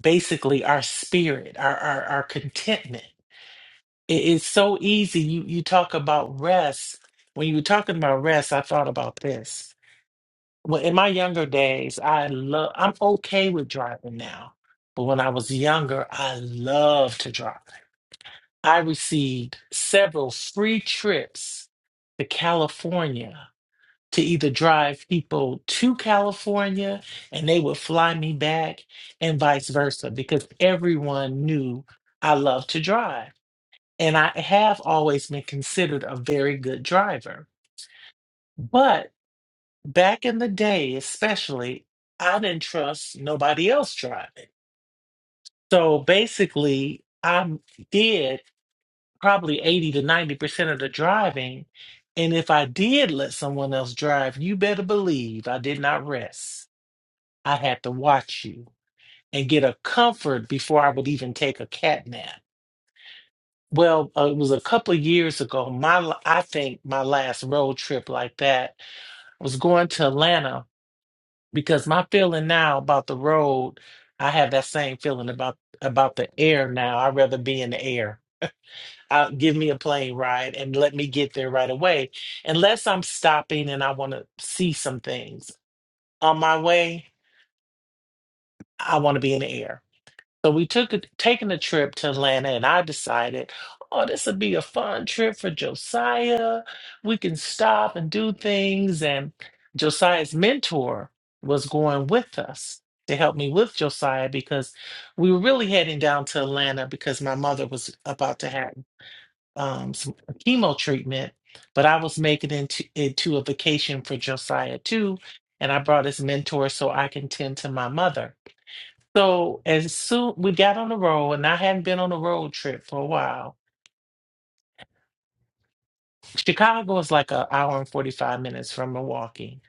G: Basically, our spirit, our our, our contentment. It is so easy. You you talk about rest. When you were talking about rest, I thought about this. Well, in my younger days, I love. I'm okay with driving now, but when I was younger, I loved to drive. I received several free trips to California to either drive people to California and they would fly me back and vice versa because everyone knew I loved to drive. And I have always been considered a very good driver. But back in the day, especially, I didn't trust nobody else driving. So basically, I did probably 80 to 90% of the driving. And if I did let someone else drive, you better believe I did not rest. I had to watch you and get a comfort before I would even take a cat nap. Well, uh, it was a couple of years ago. My, la- I think my last road trip like that was going to Atlanta because my feeling now about the road, I have that same feeling about about the air now. I'd rather be in the air uh, give me a plane ride and let me get there right away. Unless I'm stopping and I want to see some things on my way, I want to be in the air. So we took a, taking a trip to Atlanta, and I decided, oh, this would be a fun trip for Josiah. We can stop and do things. And Josiah's mentor was going with us to help me with Josiah because we were really heading down to Atlanta because my mother was about to have um, some chemo treatment, but I was making it into into a vacation for Josiah too, and I brought his mentor so I can tend to my mother. So as soon we got on the road, and I hadn't been on a road trip for a while. Chicago is like an hour and forty five minutes from Milwaukee.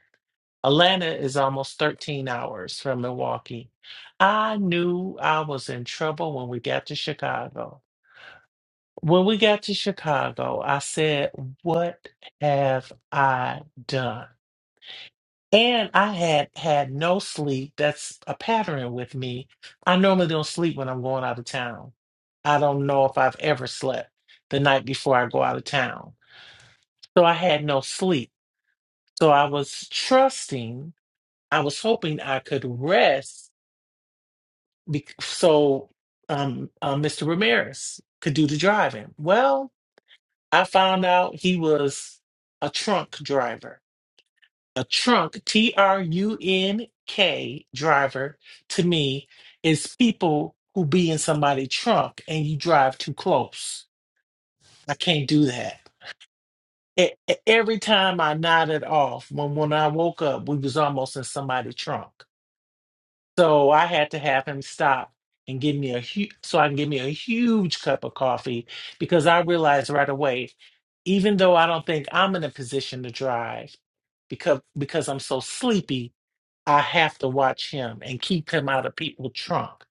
G: Atlanta is almost thirteen hours from Milwaukee. I knew I was in trouble when we got to Chicago When we got to Chicago, I said, What have I done? And I had had no sleep. That's a pattern with me. I normally don't sleep when I'm going out of town. I don't know if I've ever slept the night before I go out of town. So I had no sleep. So I was trusting, I was hoping I could rest bec so um, uh, Mr. Ramirez could do the driving. Well, I found out he was a trunk driver, a trunk, T R U N K driver to me is people who be in somebody's trunk and you drive too close. I can't do that. E- e- Every time I nodded off, when when I woke up, we was almost in somebody's trunk. So I had to have him stop and give me a huge, so I can give me a huge cup of coffee because I realized right away, even though I don't think I'm in a position to drive because because I'm so sleepy, I have to watch him and keep him out of people's trunk.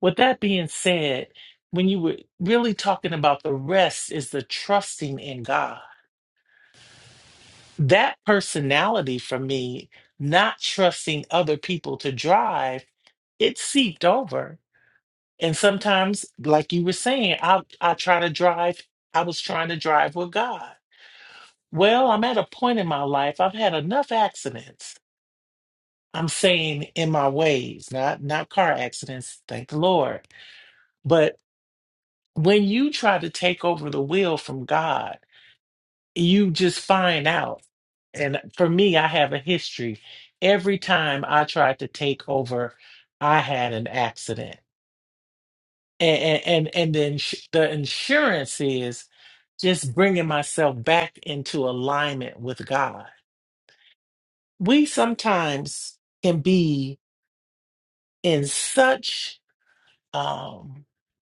G: With that being said, when you were really talking about the rest is the trusting in God. That personality for me, not trusting other people to drive, it seeped over And sometimes, like you were saying, I I try to drive. I was trying to drive with God. Well, I'm at a point in my life. I've had enough accidents. I'm saying in my ways, not not car accidents. Thank the Lord. But when you try to take over the wheel from God, you just find out. And for me, I have a history. Every time I tried to take over, I had an accident. And and and, and then the ins- the insurance is just bringing myself back into alignment with God. We sometimes can be in such um,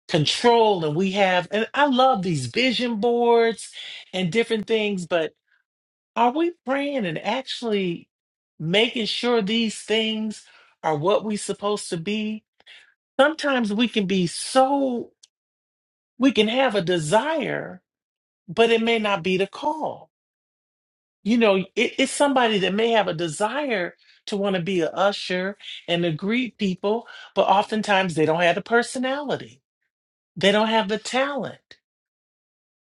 G: control, and we have, and I love these vision boards and different things, but are we praying and actually making sure these things are what we're supposed to be? Sometimes we can be so, we can have a desire, but it may not be the call you know, it, it's somebody that may have a desire to want to be a usher and to greet people, but oftentimes they don't have the personality. They don't have the talent,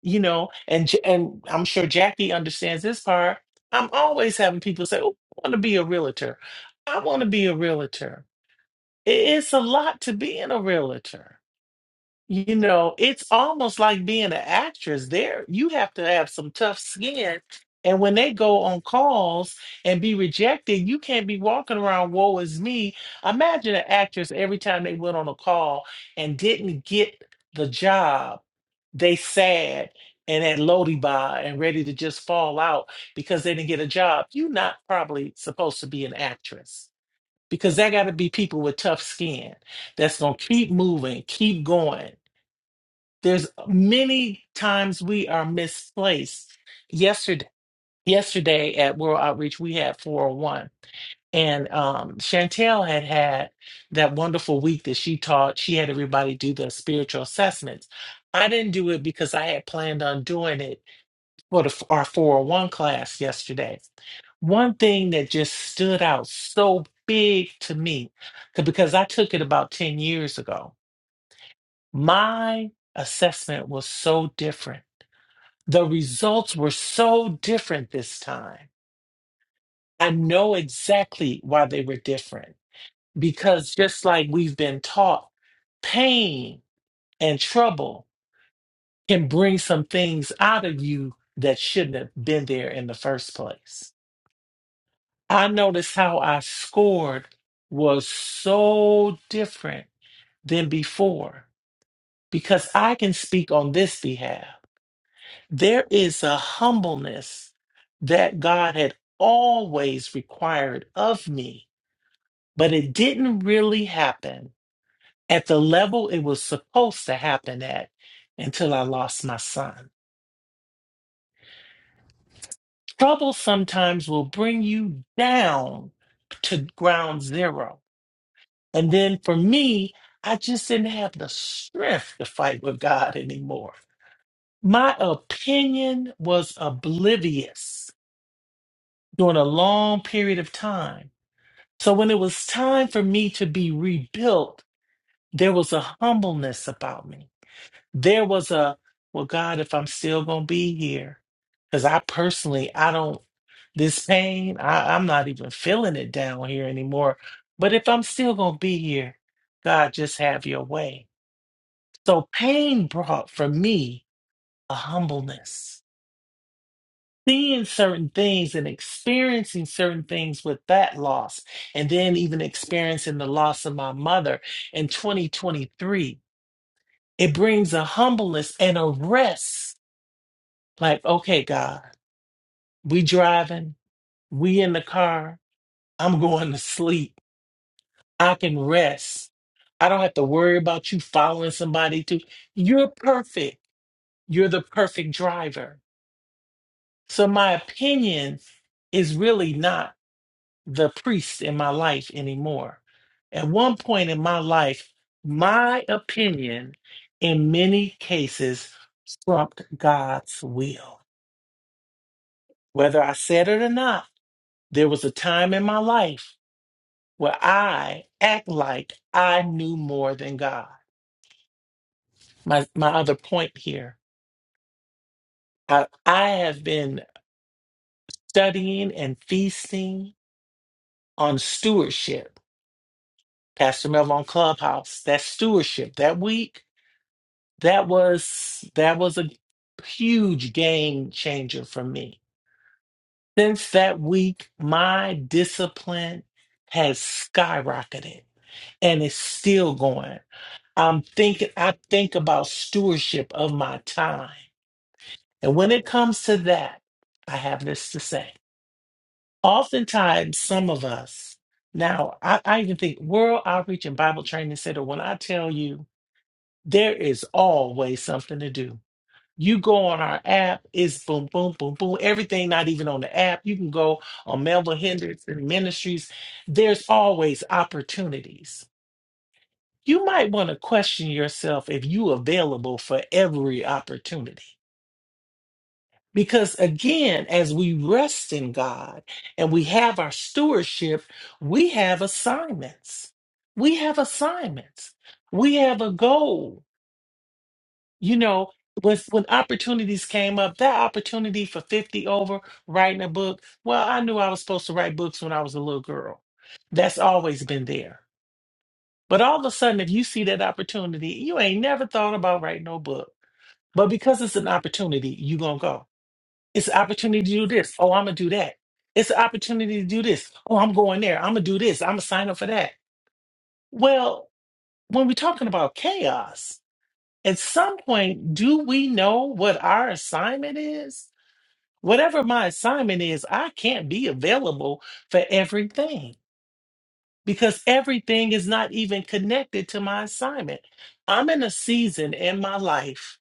G: you know. And J- and I'm sure Jackie understands this part. I'm always having people say, "Oh, I want to be a realtor. I want to be a realtor." It- It's a lot to being a realtor you know, it's almost like being an actress. There, you have to have some tough skin. And when they go on calls and be rejected, you can't be walking around, woe is me. Imagine an actress every time they went on a call and didn't get the job, they sad and at Lodi bar and ready to just fall out because they didn't get a job. You're not probably supposed to be an actress because that got to be people with tough skin that's going to keep moving, keep going there's many times we are misplaced. Yesterday, yesterday at World Outreach, we had 401. And um, Chantel had had that wonderful week that she taught. She had everybody do the spiritual assessments. I didn't do it because I had planned on doing it for the, our 401 class yesterday. One thing that just stood out so big to me, 'cause- because I took it about 10 years ago, my assessment was so different the results were so different this time. I know exactly why they were different because just like we've been taught, pain and trouble can bring some things out of you that shouldn't have been there in the first place. I noticed how I scored was so different than before because I can speak on this behalf. There is a humbleness that God had always required of me, but it didn't really happen at the level it was supposed to happen at until I lost my son. Trouble sometimes will bring you down to ground zero. And then for me, I just didn't have the strength to fight with God anymore. My opinion was oblivious during a long period of time So when it was time for me to be rebuilt, there was a humbleness about me. There was a, well, God, if I'm still going to be here, because I personally, I don't, this pain, I, I'm not even feeling it down here anymore. But if I'm still going to be here, God, just have your way. So pain brought for me a humbleness. seeing certain things and experiencing certain things with that loss, and then even experiencing the loss of my mother in 2023, it brings a humbleness and a rest. Like, okay, God, we driving, we in the car, I'm going to sleep. I can rest. I don't have to worry about you following somebody to. You're perfect. You're the perfect driver. So my opinion is really not. the priest in my life anymore. At one point in my life, my opinion in many cases trumped God's will. Whether I said it or not, there was a time in my life where I act like I knew more than God. My my other point here, I, I have been studying and feasting on stewardship. Pastor Mel on Clubhouse, that stewardship that week that was that was a huge game changer for me. Since that week, my discipline has skyrocketed and it's still going. I'm thinking I think about stewardship of my time. And when it comes to that, I have this to say. Oftentimes some of us now I, I even think World Outreach and Bible Training Center, when I tell you there is always something to do. You go on our app, it's boom, boom, boom, boom. Everything not even on the app. You can go on Melville Henderson Ministries. There's always opportunities. You might want to question yourself if you available for every opportunity. Because again, as we rest in God and we have our stewardship, we have assignments. We have assignments. We have a goal. you know, with when opportunities came up, that opportunity for 50 over writing a book, well, I knew I was supposed to write books when I was a little girl. That's always been there. But all of a sudden, if you see that opportunity, you ain't never thought about writing no book. But because it's an opportunity, you gonna go. It's an opportunity to do this. Oh, I'm gonna do that. It's an opportunity to do this. Oh, I'm going there. I'm gonna do this. I'm gonna sign up for that. Well, when we're talking about chaos, at some point, do we know what our assignment is? Whatever my assignment is, I can't be available for everything because everything is not even connected to my assignment. I'm in a season in my life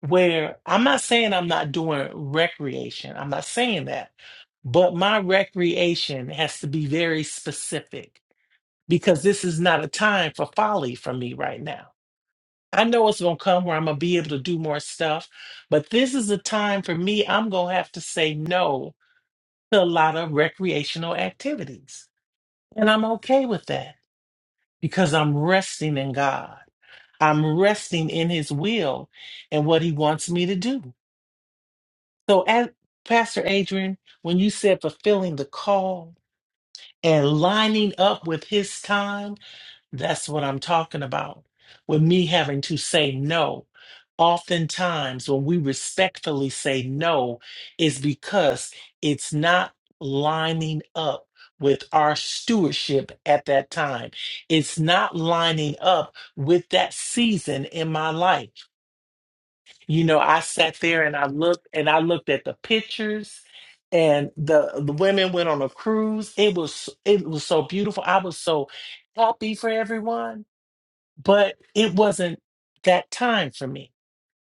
G: where I'm not saying I'm not doing recreation, I'm not saying that, but my recreation has to be very specific because this is not a time for folly for me right now I know it's gonna come where I'm gonna be able to do more stuff, but this is the time for me. I'm gonna have to say no to a lot of recreational activities. And I'm okay with that because I'm resting in God. I'm resting in his will and what he wants me to do. So as Pastor Adrian, when you said fulfilling the call and lining up with his time. That's what I'm talking about with me having to say no. Oftentimes, when we respectfully say no, is because it's not lining up with our stewardship at that time. It's not lining up with that season in my life. You know, I sat there and I looked and I looked at the pictures and the, the women went on a cruise. It was it was so beautiful. I was so happy for everyone but it wasn't that time for me.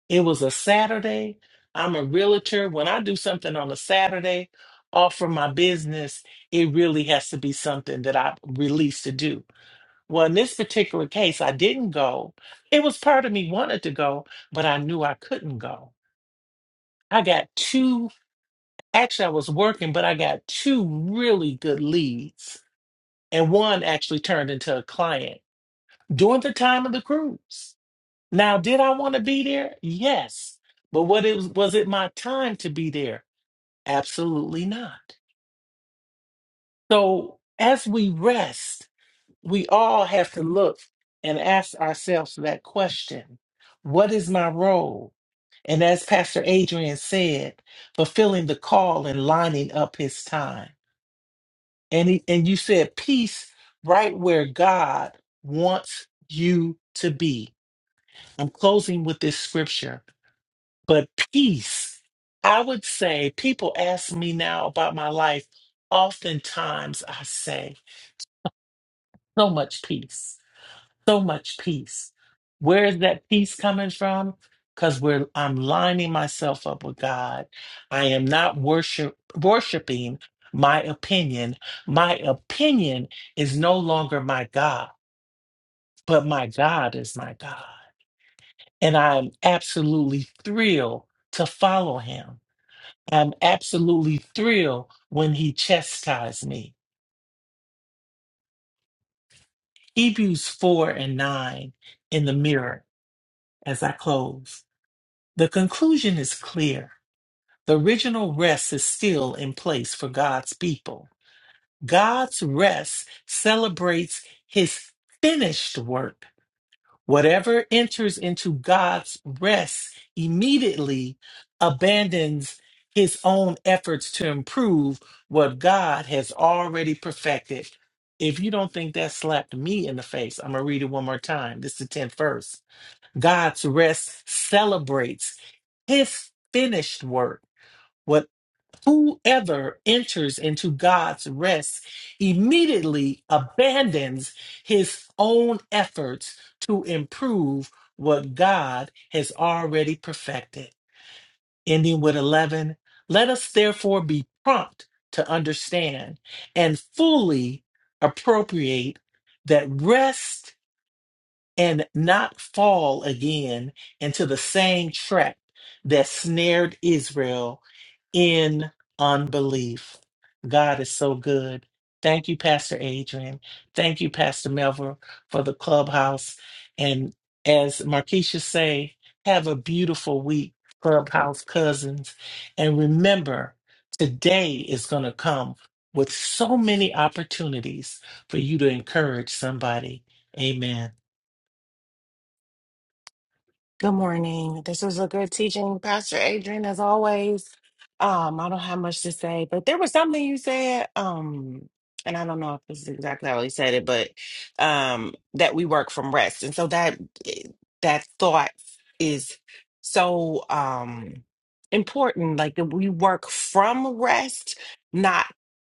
G: It was a Saturday. I'm a realtor. When I do something on a Saturday, off from my business, it really has to be something that I'm released to do. Well, in this particular case, I didn't go. It was part of me wanted to go, but I knew I couldn't go. I got two, actually, I was working, but I got two really good leads. And one actually turned into a client during the time of the cruise. Now, did I want to be there? Yes. But what it was, was it my time to be there? Absolutely not. So as we rest, we all have to look and ask ourselves that question. What is my role? And as Pastor Adrian said, fulfilling the call and lining up his time. And he, and you said peace right where God wants you to be. I'm closing with this scripture. But peace, I would say, people ask me now about my life. Oftentimes I say, so much peace, so much peace. Where is that peace coming from? Because we're I'm lining myself up with God. I am not worship worshiping my opinion. My opinion is no longer my God, but my God is my God. And I'm absolutely thrilled to follow him. I'm absolutely thrilled when he chastised me. Hebrews 4 and 9 in the mirror as I close. The conclusion is clear. The original rest is still in place for God's people. God's rest celebrates his finished work Whatever enters into God's rest immediately abandons his own efforts to improve what God has already perfected. If you don't think that slapped me in the face, I'm going to read it one more time. This is the 10th verse. God's rest celebrates his finished work Whoever enters into God's rest immediately abandons his own efforts to improve what God has already perfected. Ending with 11, let us therefore be prompt to understand and fully appropriate that rest and not fall again into the same trap that snared Israel in unbelief. God is so good. Thank you, Pastor Adrian. Thank you, Pastor Melville, for the clubhouse. And as Markeisha say, have a beautiful week, clubhouse cousins. And remember, today is going to come with so many opportunities for you to encourage somebody. Amen.
H: Good morning. This was a good teaching, Pastor Adrian, as always. Um, I don't have much to say, but there was something you said, um, and I don't know if this is exactly how he said it, but um, that we work from rest, and so that eh, that thought is so um important. Like that we work from rest, not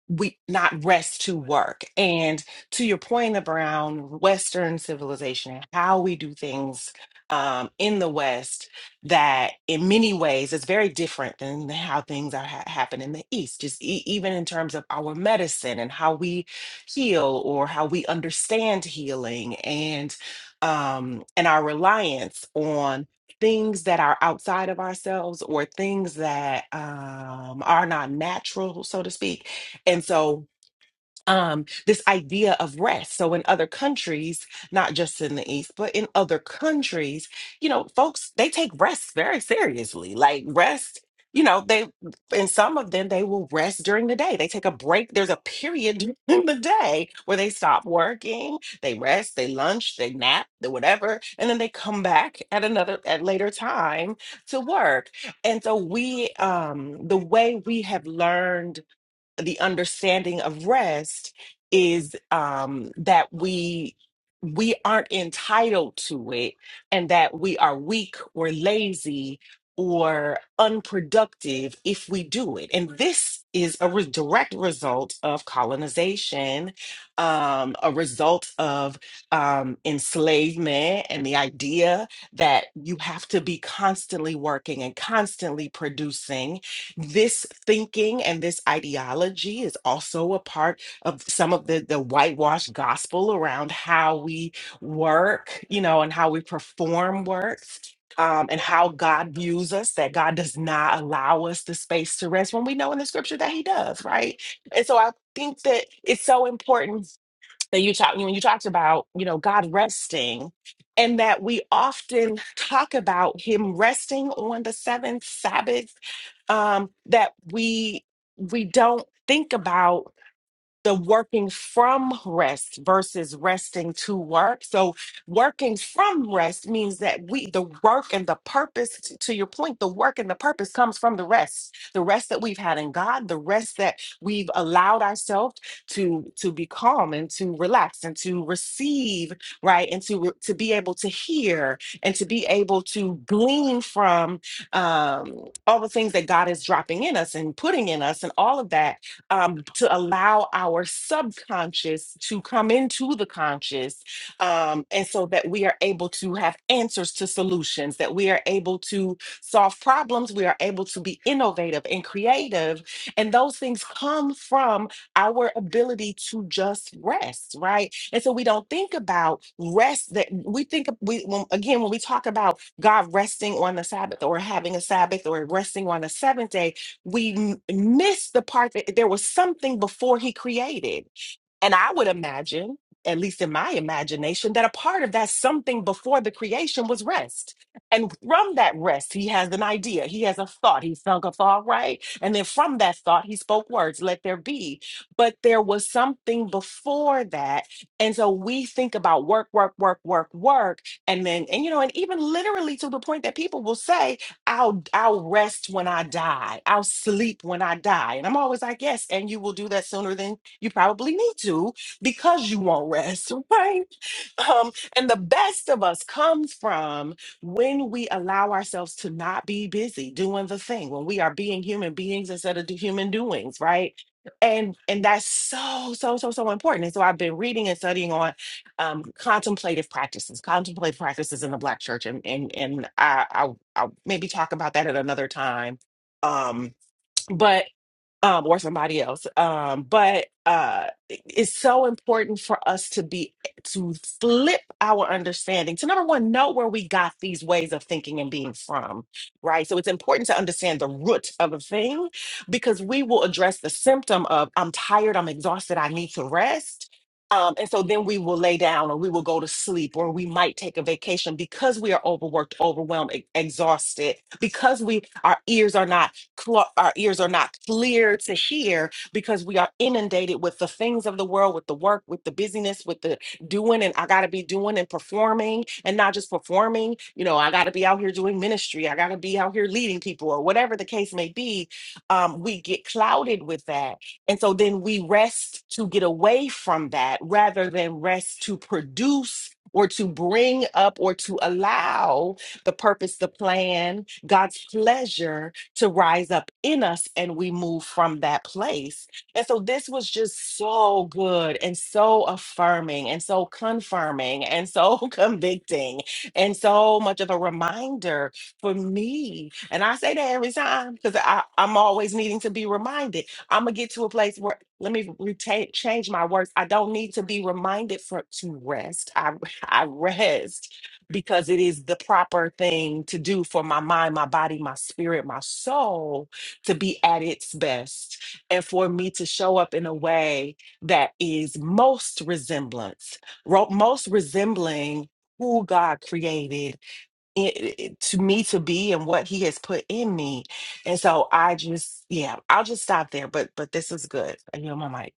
H: we not rest to work. And to your point around Western civilization and how we do things um, in the West that, in many ways, is very different than how things are ha- happen in the East. Just e- even in terms of our medicine and how we heal or how we understand healing and um, and our reliance on things that are outside of ourselves or things that um, are not natural, so to speak. And so um, this idea of rest. So in other countries, not just in the East, but in other countries, you know, folks they take rest very seriously. Like rest, you know, they in some of them they will rest during the day. They take a break. There's a period in the day where they stop working, they rest, they lunch, they nap, they whatever, and then they come back at another at later time to work. And so we um the way we have learned the understanding of rest is um, that we we aren't entitled to it and that we are weak or lazy or unproductive if we do it and this is a re- direct result of colonization um, a result of um, enslavement and the idea that you have to be constantly working and constantly producing this thinking and this ideology is also a part of some of the, the whitewashed gospel around how we work, you know, and how we perform works. Um, and how God views us, that God does not allow us the space to rest when we know in the scripture that He does, right? And so I think that it's so important that you talk when you talked about you know god resting and that we often talk about him resting on the seventh sabbath um that we we don't think about the working from rest versus resting to work. So working from rest means that we the work and the purpose t- to your point the work and the purpose comes from the rest. The rest that we've had in God, the rest that we've allowed ourselves to to be calm and to relax and to receive, right? And to re- to be able to hear and to be able to glean from um all the things that God is dropping in us and putting in us and all of that um, to allow our subconscious to come into the conscious. Um, and so that we are able to have answers to solutions, that we are able to solve problems, we are able to be innovative and creative. And those things come from our ability to just rest, right? And so we don't think about rest that we think of- we when, again when we talk about God resting on the Sabbath or having a Sabbath or resting on the seventh day, we m- miss the part that there was something before he created. And I would imagine, at least in my imagination, that a part of that something before the creation was rest. And from that rest, he has an idea. He has a thought. He sunk a thought, right? And then from that thought, he spoke words, let there be. But there was something before that. And so we think about work, work, work, work, work. And then, and you know, and even literally to the point that people will say, I'll I'll rest when I die. I'll sleep when I die. And I'm always like, yes, and you will do that sooner than you probably need to because you won't rest, right? Um, and the best of us comes from when we allow ourselves to not be busy doing the thing, when we are being human beings instead of do human doings, right? And and that's so, so, so, so important. And so I've been reading and studying on um, contemplative practices, contemplative practices in the Black church. And, and, and I, I I'll maybe talk about that at another time. Um, but um, or somebody else. Um, but uh, it's so important for us to be to flip our understanding to number one, know where we got these ways of thinking and being from, right? So it's important to understand the root of a thing because we will address the symptom of I'm tired, I'm exhausted, I need to rest. Um, and so then we will lay down or we will go to sleep or we might take a vacation because we are overworked, overwhelmed, e- exhausted, because we our ears are not cl- our ears are not clear to hear because we are inundated with the things of the world, with the work, with the busyness, with the doing, and I got to be doing and performing, and not just performing. You know, I got to be out here doing ministry. I got to be out here leading people, or whatever the case may be. Um, we get clouded with that, and so then we rest to get away from that, rather than rest to produce. Or to bring up or to allow the purpose, the plan, God's pleasure to rise up in us and we move from that place. And so this was just so good and so affirming and so confirming and so convicting and so much of a reminder for me. And I say that every time because I'm always needing to be reminded. I'm gonna get to a place where let me retain change my words. I don't need to be reminded for to rest. I I rest because it is the proper thing to do for my mind, my body, my spirit, my soul to be at its best and for me to show up in a way that is most resemblance, ro- most resembling who God created it, it- to me to be and what he has put in me. And so I just yeah, I'll just stop there, but but this is good. I know my mic.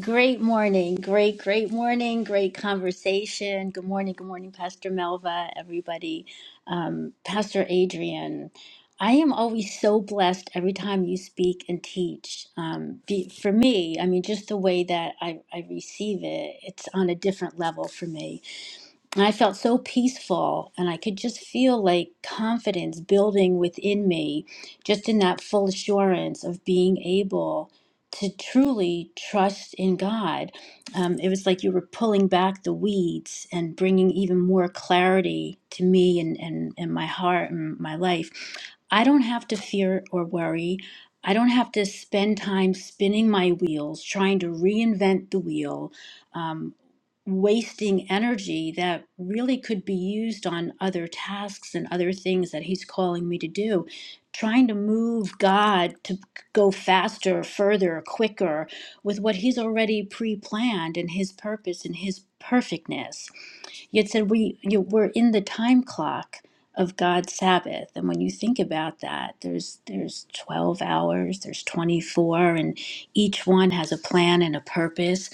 E: Great morning. Great, great morning. Great conversation. Good morning. Good morning, Pastor Melva, everybody. Um, Pastor Adrian, I am always so blessed every time you speak and teach. Um, be, for me, I mean, just the way that I, I receive it, it's on a different level for me. And I felt so peaceful, and I could just feel like confidence building within me, just in that full assurance of being able to truly trust in God. Um, it was like you were pulling back the weeds and bringing even more clarity to me and, and, and my heart and my life. I don't have to fear or worry. I don't have to spend time spinning my wheels, trying to reinvent the wheel Um, wasting energy that really could be used on other tasks and other things that he's calling me to do trying to move god to go faster further quicker with what he's already pre-planned and his purpose and his perfectness Yet said we you know, we're in the time clock of God's Sabbath. And when you think about that, there's there's 12 hours, there's 24 and each one has a plan and a purpose.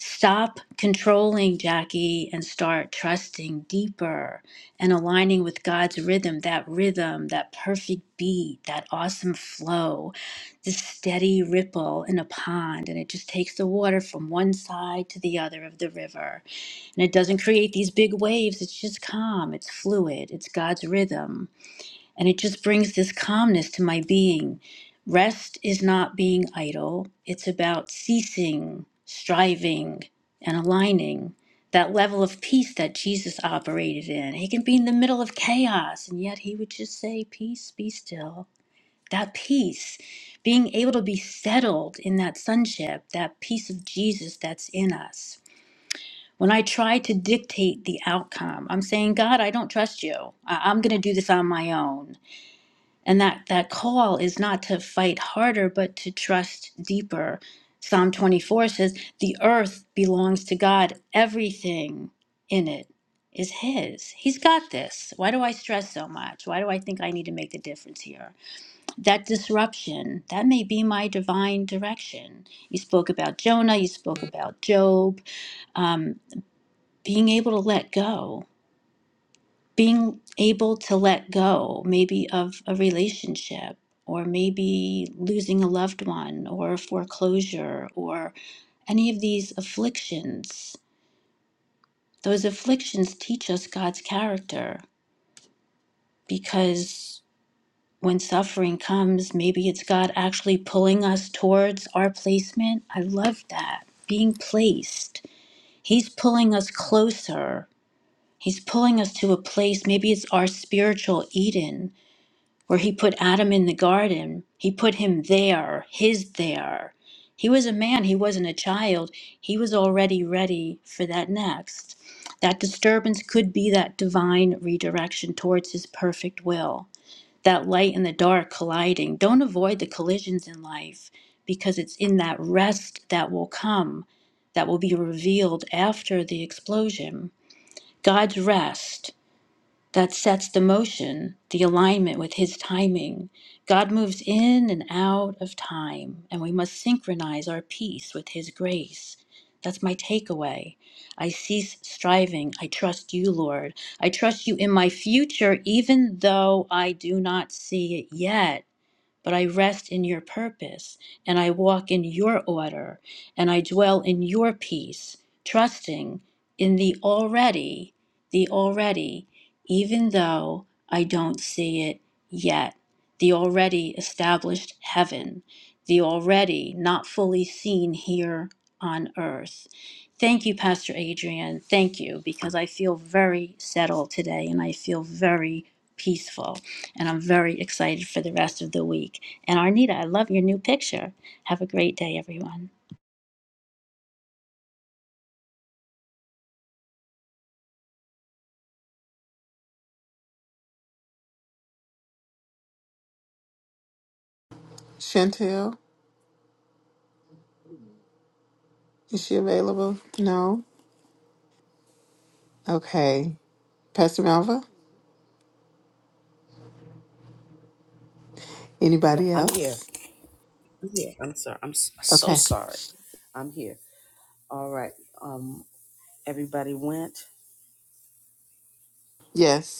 E: Stop controlling, Jackie, and start trusting deeper and aligning with God's rhythm, that rhythm, that perfect beat, that awesome flow, the steady ripple in a pond, and it just takes the water from one side to the other of the river and it doesn't create these big waves. It's just calm. It's fluid. It's God's rhythm. And it just brings this calmness to my being. Rest is not being idle, it's about ceasing, striving, and aligning. That level of peace that Jesus operated in. He can be in the middle of chaos, and yet he would just say, Peace, be still. That peace, being able to be settled in that sonship, that peace of Jesus that's in us when I try to dictate the outcome, I'm saying, God, I don't trust you. I- I'm going to do this on my own. And that, that call is not to fight harder, but to trust deeper. Psalm 24 says, The earth belongs to God, everything in it is His. He's got this. Why do I stress so much? Why do I think I need to make the difference here? That disruption, that may be my divine direction. You spoke about Jonah, you spoke about Job. Um, being able to let go, being able to let go, maybe of a relationship, or maybe losing a loved one, or a foreclosure, or any of these afflictions. Those afflictions teach us God's character because when suffering comes, maybe it's God actually pulling us towards our placement. I love that. Being placed, He's pulling us closer He's pulling us to a place, maybe it's our spiritual Eden, where He put Adam in the garden. He put him there, his there. He was a man, he wasn't a child. He was already ready for that next. That disturbance could be that divine redirection towards His perfect will, that light and the dark colliding. Don't avoid the collisions in life because it's in that rest that will come, that will be revealed after the explosion. God's rest that sets the motion, the alignment with His timing. God moves in and out of time, and we must synchronize our peace with His grace. That's my takeaway. I cease striving. I trust you, Lord. I trust you in my future, even though I do not see it yet but I rest in your purpose and I walk in your order and I dwell in your peace, trusting in the already, the already, even though I don't see it yet. The already established heaven, the already not fully seen here on earth. Thank you, Pastor Adrian. Thank you, because I feel very settled today and I feel very peaceful and I'm very excited for the rest of the week. And Arnita, I love your new picture. Have a great day, everyone.
C: Chantel, is she available? No. Okay. Pastor Malva. Anybody else? Okay. Yes.